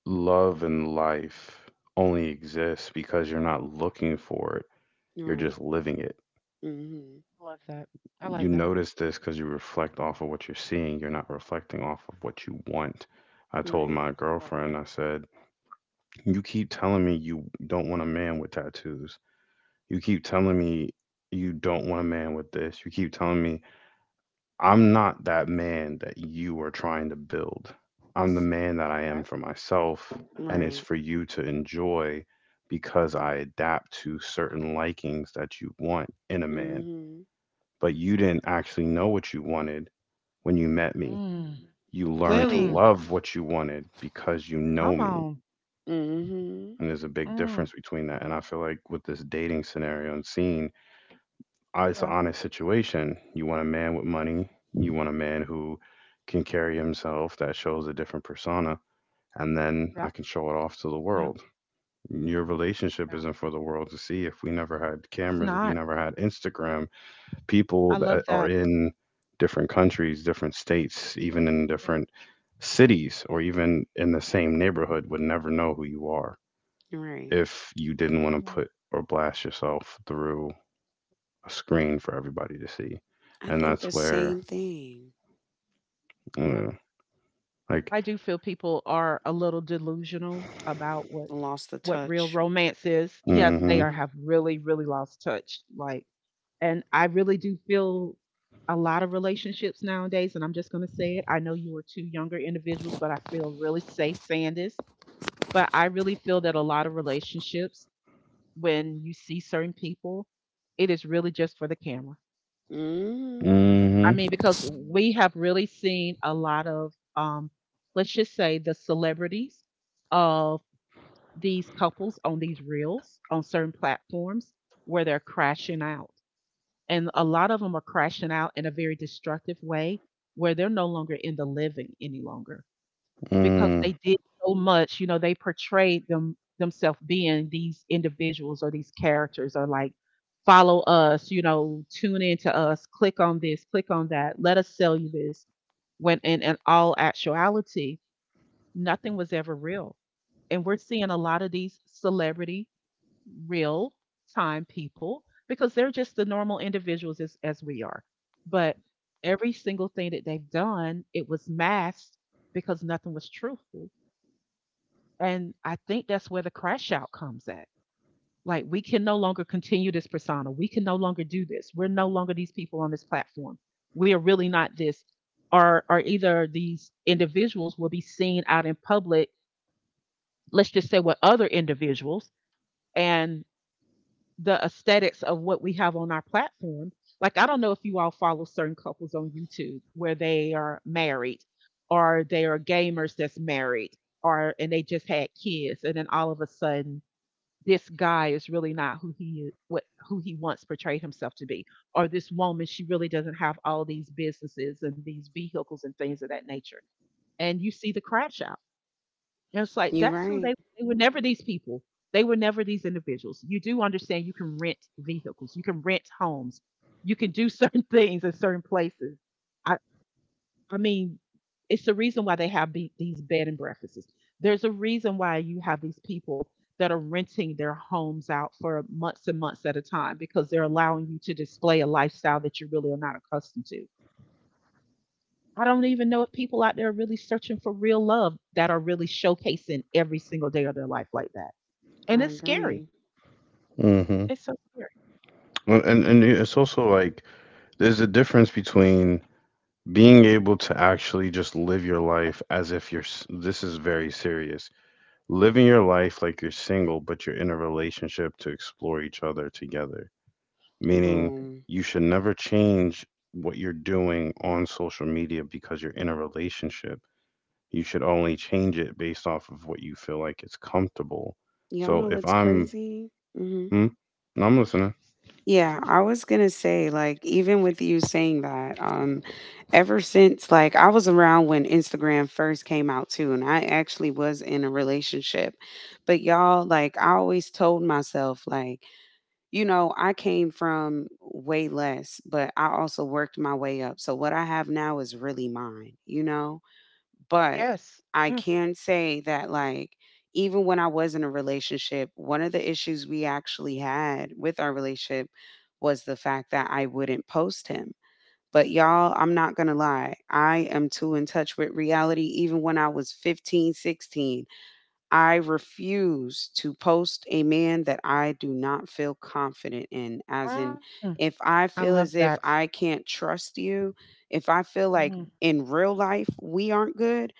Speaker 1: love and life only exists because you're not looking for it, you're
Speaker 3: Right.
Speaker 1: just living it.
Speaker 3: Mhm.
Speaker 2: I love that. I
Speaker 1: You
Speaker 2: like that.
Speaker 1: notice this because you reflect off of what you're seeing, you're not reflecting off of what you want. I told
Speaker 3: Right.
Speaker 1: my
Speaker 2: Love
Speaker 1: girlfriend,
Speaker 2: that.
Speaker 1: I said, you keep telling me you don't want a man with tattoos. You keep telling me you don't want a man with this. You keep telling me I'm not that man that you are trying to build. I'm the man that I am
Speaker 2: Okay.
Speaker 1: for myself, and it's
Speaker 3: Right.
Speaker 1: for you to enjoy because I adapt to certain likings that you want in a man.
Speaker 3: Mhm.
Speaker 1: But you didn't actually know what you wanted when you met me.
Speaker 2: Mm.
Speaker 1: You learned to
Speaker 3: Clearly.
Speaker 2: Mm.
Speaker 1: love what you wanted because you know
Speaker 2: Come
Speaker 1: me.
Speaker 2: on.
Speaker 3: Mhm.
Speaker 1: And there's a big difference
Speaker 2: Mm.
Speaker 1: between that. And I feel like with this dating scenario and scene, it's an
Speaker 2: Yeah.
Speaker 1: honest situation. You want a man with money. You want a man who can carry himself that shows a different persona, and then I
Speaker 2: Yeah.
Speaker 1: can show it off to the
Speaker 2: Yeah.
Speaker 1: world. Your relationship
Speaker 2: Yeah.
Speaker 1: isn't for the world to see. If we never had
Speaker 2: It's
Speaker 1: cameras, if we
Speaker 2: not.
Speaker 1: never had Instagram, people
Speaker 2: I
Speaker 1: that
Speaker 2: love
Speaker 1: are
Speaker 2: that.
Speaker 1: in different countries, different states, even in
Speaker 2: Yeah.
Speaker 1: different cities, or even in the same neighborhood would never know who you are
Speaker 3: Right.
Speaker 1: if you didn't want to
Speaker 2: Yeah.
Speaker 1: put or blast yourself through a screen for everybody to see,
Speaker 3: I
Speaker 1: and
Speaker 3: think
Speaker 1: that's
Speaker 3: the
Speaker 1: where
Speaker 3: same thing.
Speaker 1: you
Speaker 2: Yeah.
Speaker 1: know, like
Speaker 2: I do feel people are a little delusional about
Speaker 3: Lost the
Speaker 2: what real
Speaker 3: touch.
Speaker 2: romance is. Yes, they
Speaker 1: Mm-hmm.
Speaker 2: are,
Speaker 3: Mhm.
Speaker 2: have really, really lost touch. Like, and I really do feel a lot of relationships nowadays, and I'm just gonna say it. I know you were two younger individuals, but I feel really safe saying this. But I really feel that a lot of relationships, when you see certain people, it is really just for the camera.
Speaker 3: Mhm.
Speaker 2: I
Speaker 1: Mm-hmm.
Speaker 2: mean, because, mm, we have really seen a lot of, let's just say, the celebrities of these couples on these reels on certain platforms where they're crashing out. And a lot of them are crashing out in a very destructive way where they're no longer in the living any longer. Because
Speaker 1: Mm,
Speaker 2: they did so much, you know, they portrayed themselves being these individuals or these characters or like, "Follow us," you know, "Tune in to us, click on this, click on that, let us sell you this." When in all actuality, nothing was ever real. And we're seeing a lot of these celebrity real time people because they're just the normal individuals as we are. But every single thing that they've done, it was masked because nothing was truthful. And I think that's where the crash out comes at. Like, we can no longer continue this persona. We can no longer do this. We're no longer these people on this platform. We are really not this. Or either these individuals will be seen out in public, let's just say with other individuals, and the aesthetics of what we have on our platform. Like, I don't know if you all follow certain couples on YouTube where they are married or they are gamers that's married or and they just had kids, and then all of a sudden this guy is really not who he is, what who he once portrayed himself to be, or this woman, she really doesn't have all these businesses and these vehicles and things of that nature. And you see the crash out, and it's like
Speaker 3: You're
Speaker 2: that's who they
Speaker 3: right.
Speaker 2: they were never these people. They were never these individuals. You do understand you can rent vehicles, you can rent homes, you can do certain things in certain places. I I mean, it's the reason why they have these bed and breakfasts. There's a reason why you have these people that are renting their homes out for months and months at a time, because they're allowing you to display a lifestyle that you really are not accustomed to. I don't even know if people out there are really searching for real love that are really showcasing every single day of their life like that. And
Speaker 3: I
Speaker 2: it's scary.
Speaker 3: agree.
Speaker 1: mm-hmm.
Speaker 2: It's so scary.
Speaker 1: Well, and it's also like there's a difference between being able to actually just live your life as if this is very serious. Living your life like you're single, but you're in a relationship to explore each other together. Meaning
Speaker 3: Boom.
Speaker 1: you should never change what you're doing on social media because you're in a relationship, you should only change it based off of what you feel like is comfortable.
Speaker 3: Y'all
Speaker 1: So
Speaker 3: know
Speaker 1: if
Speaker 3: what's
Speaker 1: I'm,
Speaker 3: crazy? Mhm.
Speaker 1: hmm, no, I'm listening.
Speaker 3: Yeah, I was going to say, like, even with you saying that, ever since, like, I was around when Instagram first came out too, and I actually was in a relationship. But y'all, like, I always told myself, like, you know, I came from way less, but I also worked my way up. So what I have now is really mine, you know? But
Speaker 2: Yes.
Speaker 3: I
Speaker 2: Yes.
Speaker 3: can say that, like, even when I was in a relationship, one of the issues we actually had with our relationship was the fact that I wouldn't post him. But y'all, I'm not going to lie. I am too in touch with reality even when I was 15, 16. I refuse to post a man that I do not feel confident in. As in,
Speaker 2: Mm,
Speaker 3: if I
Speaker 2: I
Speaker 3: feel
Speaker 2: love
Speaker 3: as if
Speaker 2: that.
Speaker 3: I can't trust you, if I feel like
Speaker 2: Mm,
Speaker 3: in real life we aren't good,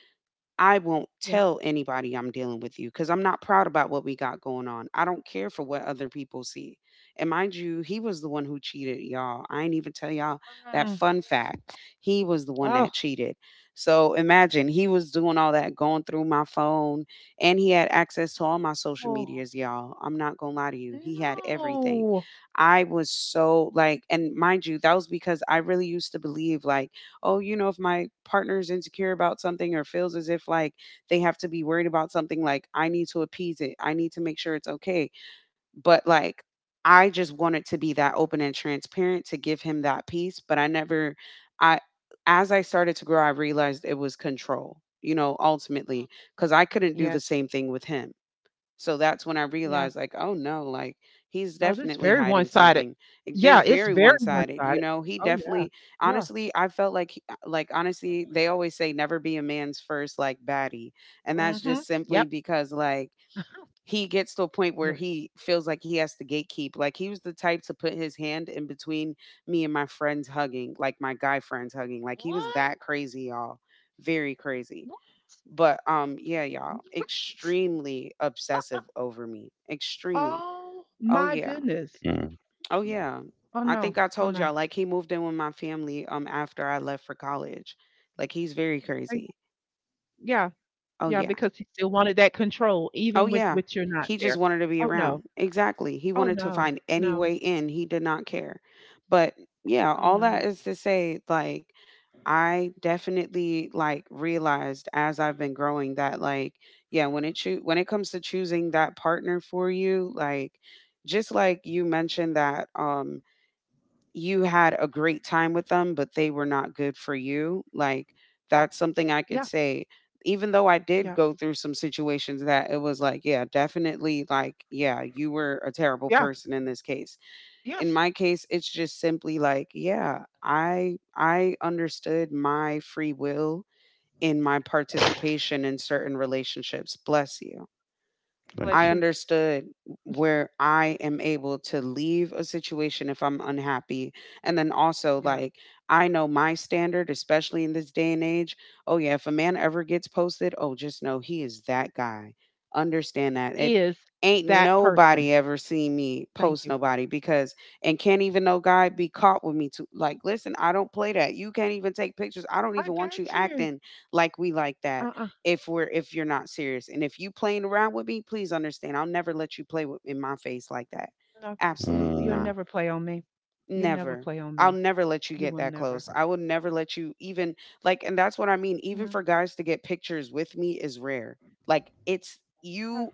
Speaker 3: I won't
Speaker 2: yeah.
Speaker 3: tell anybody I'm dealing with you because I'm not proud about what we got going on. I don't care for what other people see. And mind you, he was the one who cheated, y'all. I ain't even tell y'all that
Speaker 2: Mm,
Speaker 3: fun fact. He was the one that
Speaker 2: oh.
Speaker 3: cheated. So imagine he was doing all that, going through my phone, and he had access to all my social
Speaker 2: Oh,
Speaker 3: medias, y'all. I'm not going to lie to you. He had everything. I was so, like, and mind you, that was because I really used to believe, like, oh, you know, if my partner's insecure about something or feels as if, like, they have to be worried about something, like, I need to appease it. I need to make sure it's okay. But like, I just wanted to be that open and transparent to give him that peace. But I never, I, as I started to grow, I realized it was control, you know, ultimately,
Speaker 2: no.
Speaker 3: because I couldn't do the
Speaker 2: Yes.
Speaker 3: same thing with him. So that's when I
Speaker 2: Yeah.
Speaker 3: realized, like, oh no, like he's
Speaker 2: Oh, this is
Speaker 3: definitely
Speaker 2: very
Speaker 3: hiding
Speaker 2: one-sided.
Speaker 3: something. Like, this
Speaker 2: Yeah, it's
Speaker 3: very
Speaker 2: very
Speaker 3: one sided, you
Speaker 2: one-sided.
Speaker 3: know. He
Speaker 2: Oh, yeah.
Speaker 3: definitely,
Speaker 2: Yeah.
Speaker 3: honestly, I felt like, like, honestly, they always say never be a man's first like baddie, and that's just
Speaker 2: Mhm.
Speaker 3: simply
Speaker 2: Yep.
Speaker 3: because, like, he gets to a point where
Speaker 2: Yeah.
Speaker 3: he feels like he has to gatekeep. Like, he was the type to put his hand in between me and my friends hugging, like my guy friends hugging. Like, he was
Speaker 2: What?
Speaker 3: that crazy, y'all. Very crazy.
Speaker 2: What?
Speaker 3: But yeah, y'all,
Speaker 2: What?
Speaker 3: extremely obsessive over me. Extremely.
Speaker 2: Oh
Speaker 3: Oh
Speaker 2: my
Speaker 3: yeah.
Speaker 2: goodness.
Speaker 1: Mm,
Speaker 3: Oh yeah.
Speaker 2: Oh,
Speaker 3: I
Speaker 2: no.
Speaker 3: think I
Speaker 2: Oh,
Speaker 3: told
Speaker 2: no.
Speaker 3: y'all, like, he moved in with my family after I left for college. Like, he's very
Speaker 2: Thank.
Speaker 3: crazy.
Speaker 2: Yeah.
Speaker 3: Oh
Speaker 2: Yeah,
Speaker 3: yeah.
Speaker 2: because he still wanted that control
Speaker 3: Oh,
Speaker 2: even with
Speaker 3: yeah.
Speaker 2: with you're not
Speaker 3: He just
Speaker 2: there.
Speaker 3: wanted to be
Speaker 2: Oh,
Speaker 3: around.
Speaker 2: no.
Speaker 3: Exactly. He
Speaker 2: Oh,
Speaker 3: wanted to
Speaker 2: no.
Speaker 3: find any
Speaker 2: No.
Speaker 3: way in. He did not care. But yeah,
Speaker 2: Oh,
Speaker 3: all that
Speaker 2: no.
Speaker 3: is to say, like, I definitely, like, realized as I've been growing that, like, yeah, when it comes to choosing that partner for you, like, just like you mentioned that, you had a great time with them, but they were not good for you. Like,
Speaker 2: Yeah.
Speaker 3: that's something I could
Speaker 2: Yeah.
Speaker 3: say. Even though I did
Speaker 2: Yeah.
Speaker 3: go through some situations that it was like, yeah, definitely, like, yeah, you were a terrible
Speaker 2: Yeah.
Speaker 3: person in this case. In
Speaker 2: Yes.
Speaker 3: my case, it's just simply like, yeah, I understood my free will in my participation in certain relationships. Bless you.
Speaker 1: thank
Speaker 3: I
Speaker 2: Bless
Speaker 1: you.
Speaker 2: you.
Speaker 3: understood where I am able to leave a situation if I'm unhappy. And then also,
Speaker 2: Yeah.
Speaker 3: like, I know my standard, especially in this day and age. Oh, yeah, if a man ever gets posted, oh, just know he is that guy. Understand that. It
Speaker 2: Is
Speaker 3: ain't
Speaker 2: that
Speaker 3: nobody
Speaker 2: person.
Speaker 3: ever seen me
Speaker 2: Thank
Speaker 3: post
Speaker 2: you.
Speaker 3: nobody because, and can't even no guy be caught with me too. Like, listen, I don't play that. You can't even take pictures. I don't
Speaker 2: I
Speaker 3: even want you
Speaker 2: got you.
Speaker 3: acting like we like that,
Speaker 2: Uh-uh.
Speaker 3: if you're not serious, and if you playing around with me, please understand, I'll never let you play with in my face like that.
Speaker 2: No. Yeah.
Speaker 3: Absolutely
Speaker 2: You'll
Speaker 1: Mm,
Speaker 3: not.
Speaker 2: never play on me. You'll never
Speaker 3: Never.
Speaker 2: play on
Speaker 3: I'll
Speaker 2: me.
Speaker 3: never let you
Speaker 2: You
Speaker 3: get
Speaker 2: will
Speaker 3: that
Speaker 2: never.
Speaker 3: close. I will never let you even, like, and that's what I mean, even
Speaker 2: Yeah.
Speaker 3: for guys to get pictures with me is rare. Like, it's,
Speaker 2: Yeah.
Speaker 3: you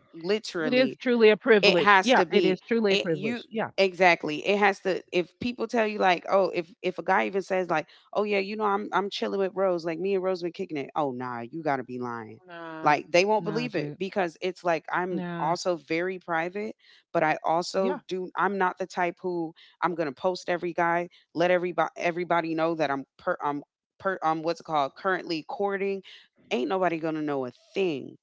Speaker 2: It is
Speaker 3: literally,
Speaker 2: truly a
Speaker 3: it
Speaker 2: privilege.
Speaker 3: has
Speaker 2: Yeah.
Speaker 3: to
Speaker 2: It
Speaker 3: be,
Speaker 2: is truly a
Speaker 3: it, you,
Speaker 2: privilege. Yeah.
Speaker 3: exactly, it has to, if people tell you like, oh, if a guy even says like, oh yeah, you know, I'm chilling with Rose, like me and Rose been kicking it, oh nah, you gotta be lying.
Speaker 2: Nah.
Speaker 3: Like, they won't
Speaker 2: Nah,
Speaker 3: believe it
Speaker 2: dude.
Speaker 3: because it's like I'm
Speaker 2: Nah.
Speaker 3: also very private, but I also
Speaker 2: Yeah.
Speaker 3: do, I'm not the type who, I'm gonna post every guy, let everybody know that I'm per what's it called, currently courting. Ain't nobody gonna know a thing.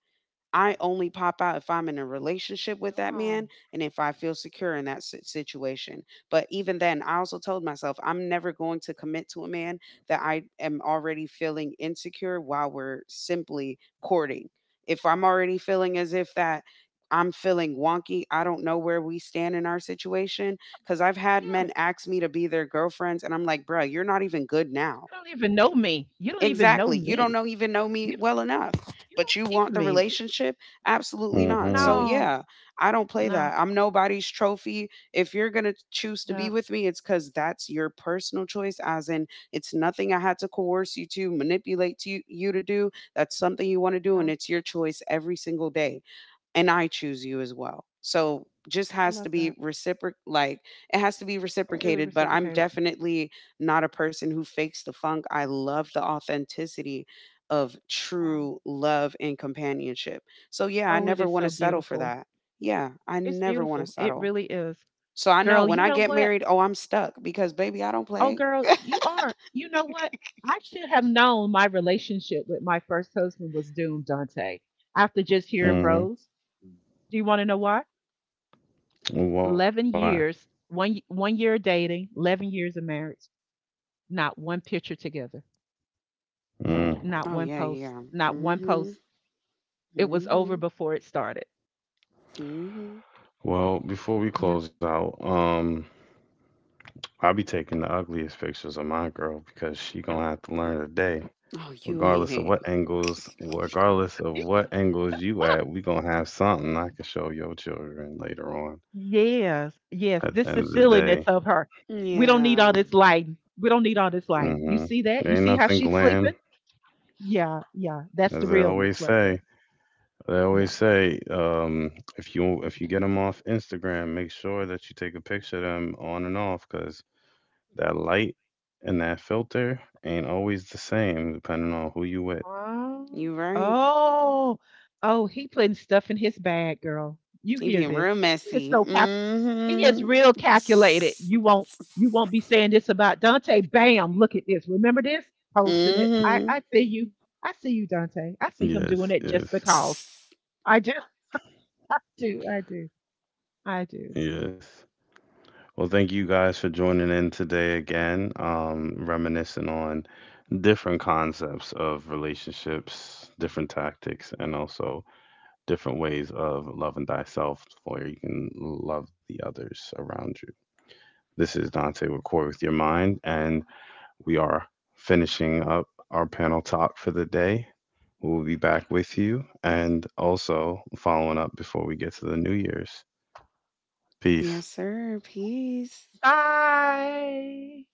Speaker 3: I only pop out if I'm in a relationship with that
Speaker 2: Oh.
Speaker 3: man, and if I feel secure in that situation. But even then, I also told myself I'm never going to commit to a man that I am already feeling insecure while we're simply courting. If I'm already feeling as if that I'm feeling wonky, I don't know where we stand in our situation. Cause I've had
Speaker 2: Yeah.
Speaker 3: men ask me to be their girlfriends and I'm like, bruh, you're not even good now.
Speaker 2: You don't even know me. You don't even know
Speaker 3: Exactly. You don't
Speaker 2: me.
Speaker 3: know even know me
Speaker 2: You don't,
Speaker 3: well enough,
Speaker 2: you
Speaker 3: but
Speaker 2: don't
Speaker 3: you want
Speaker 2: even
Speaker 3: the
Speaker 2: me.
Speaker 3: relationship? Absolutely not. So
Speaker 1: mm-hmm,
Speaker 2: No.
Speaker 3: yeah, I don't play
Speaker 2: No.
Speaker 3: that. I'm nobody's trophy. If you're going to choose to
Speaker 2: Yeah.
Speaker 3: be with me, it's cuz that's your personal choice, as in it's nothing I had to coerce you to, manipulate to you, you to do. That's something you want to do and
Speaker 2: Yeah.
Speaker 3: it's your choice every single day and I choose you as well. So just
Speaker 2: I
Speaker 3: has
Speaker 2: love
Speaker 3: to be
Speaker 2: that.
Speaker 3: reciproc like it has to be
Speaker 2: It's really
Speaker 3: reciprocated, but I'm
Speaker 2: reciprocated.
Speaker 3: definitely not a person who fakes the funk. I love the authenticity of
Speaker 2: Wow.
Speaker 3: true love and companionship. So yeah, I
Speaker 2: Oh, it
Speaker 3: never
Speaker 2: is
Speaker 3: want to
Speaker 2: so
Speaker 3: settle for
Speaker 2: beautiful.
Speaker 3: that. Yeah, I
Speaker 2: It's
Speaker 3: never want to
Speaker 2: beautiful. It
Speaker 3: settle.
Speaker 2: really is.
Speaker 3: So I know
Speaker 2: Girl,
Speaker 3: when
Speaker 2: you
Speaker 3: I
Speaker 2: know
Speaker 3: get
Speaker 2: what?
Speaker 3: married, oh, I'm stuck because baby, I don't
Speaker 2: Oh,
Speaker 3: play.
Speaker 2: girl, you are. You know what? I should have known my relationship with my first husband was doomed, Dante, after just hearing
Speaker 1: mm-hmm.
Speaker 2: Rose. Do you want to know why?
Speaker 1: Why?
Speaker 2: 11 years, one year of dating, 11 years of marriage, not one picture together,
Speaker 1: Mm.
Speaker 2: not
Speaker 3: Oh
Speaker 2: one
Speaker 3: yeah,
Speaker 2: post,
Speaker 3: yeah.
Speaker 2: not one
Speaker 3: Mhm.
Speaker 2: post. It was over
Speaker 3: Mhm.
Speaker 2: before it started.
Speaker 3: Mhm.
Speaker 1: Well, before we
Speaker 2: Yeah.
Speaker 1: close out, I'll be taking the ugliest pictures of my girl because she gonna have to learn today.
Speaker 3: Oh, you ain't
Speaker 1: Regardless of
Speaker 3: it.
Speaker 1: what angles, regardless of what angles you at, we gonna have something I can show your children later on.
Speaker 2: Yes, yes.
Speaker 1: At the
Speaker 2: This
Speaker 1: end
Speaker 2: is
Speaker 1: of the
Speaker 2: silliness
Speaker 1: day,
Speaker 2: of her. We don't need all
Speaker 3: Yeah,
Speaker 2: this lighting. We don't need all this lighting. You
Speaker 1: mm-hmm.
Speaker 2: see that? You
Speaker 1: There ain't
Speaker 2: see how
Speaker 1: nothing
Speaker 2: she's
Speaker 1: glam.
Speaker 2: sleeping? Yeah, yeah, that's the
Speaker 1: As
Speaker 2: realness right there.
Speaker 1: they always
Speaker 2: Yeah.
Speaker 1: say, if you get them off Instagram, make sure that you take a picture of them on and off, cause that light and that filter ain't always the same depending on who you with.
Speaker 2: Oh,
Speaker 3: you right.
Speaker 2: oh, oh, he putting stuff in his bag, girl. You
Speaker 3: You
Speaker 2: hear
Speaker 3: being
Speaker 2: this?
Speaker 3: real
Speaker 2: He is
Speaker 3: messy.
Speaker 2: so he is
Speaker 3: Mm-hmm.
Speaker 2: real calculated. You won't be saying this about Dante. Bam! Look at this. Remember this? Posting it. I
Speaker 3: Mm-hmm.
Speaker 2: I see you. I see you, Dante. I see him doing
Speaker 1: Yes,
Speaker 2: it just
Speaker 1: yes,
Speaker 2: because. I do. I do. I do. I do.
Speaker 1: yes. Well, thank you guys for joining in today again, reminiscing on different concepts of relationships, different tactics, and also different ways of loving thyself where you can love the others around you. This is Dante with Core with Your Mind, and we are finishing up our panel talk for the day. We'll be back with you and also following up before we get to the New Year's. Peace.
Speaker 3: Yes, sir. Peace.
Speaker 2: Bye.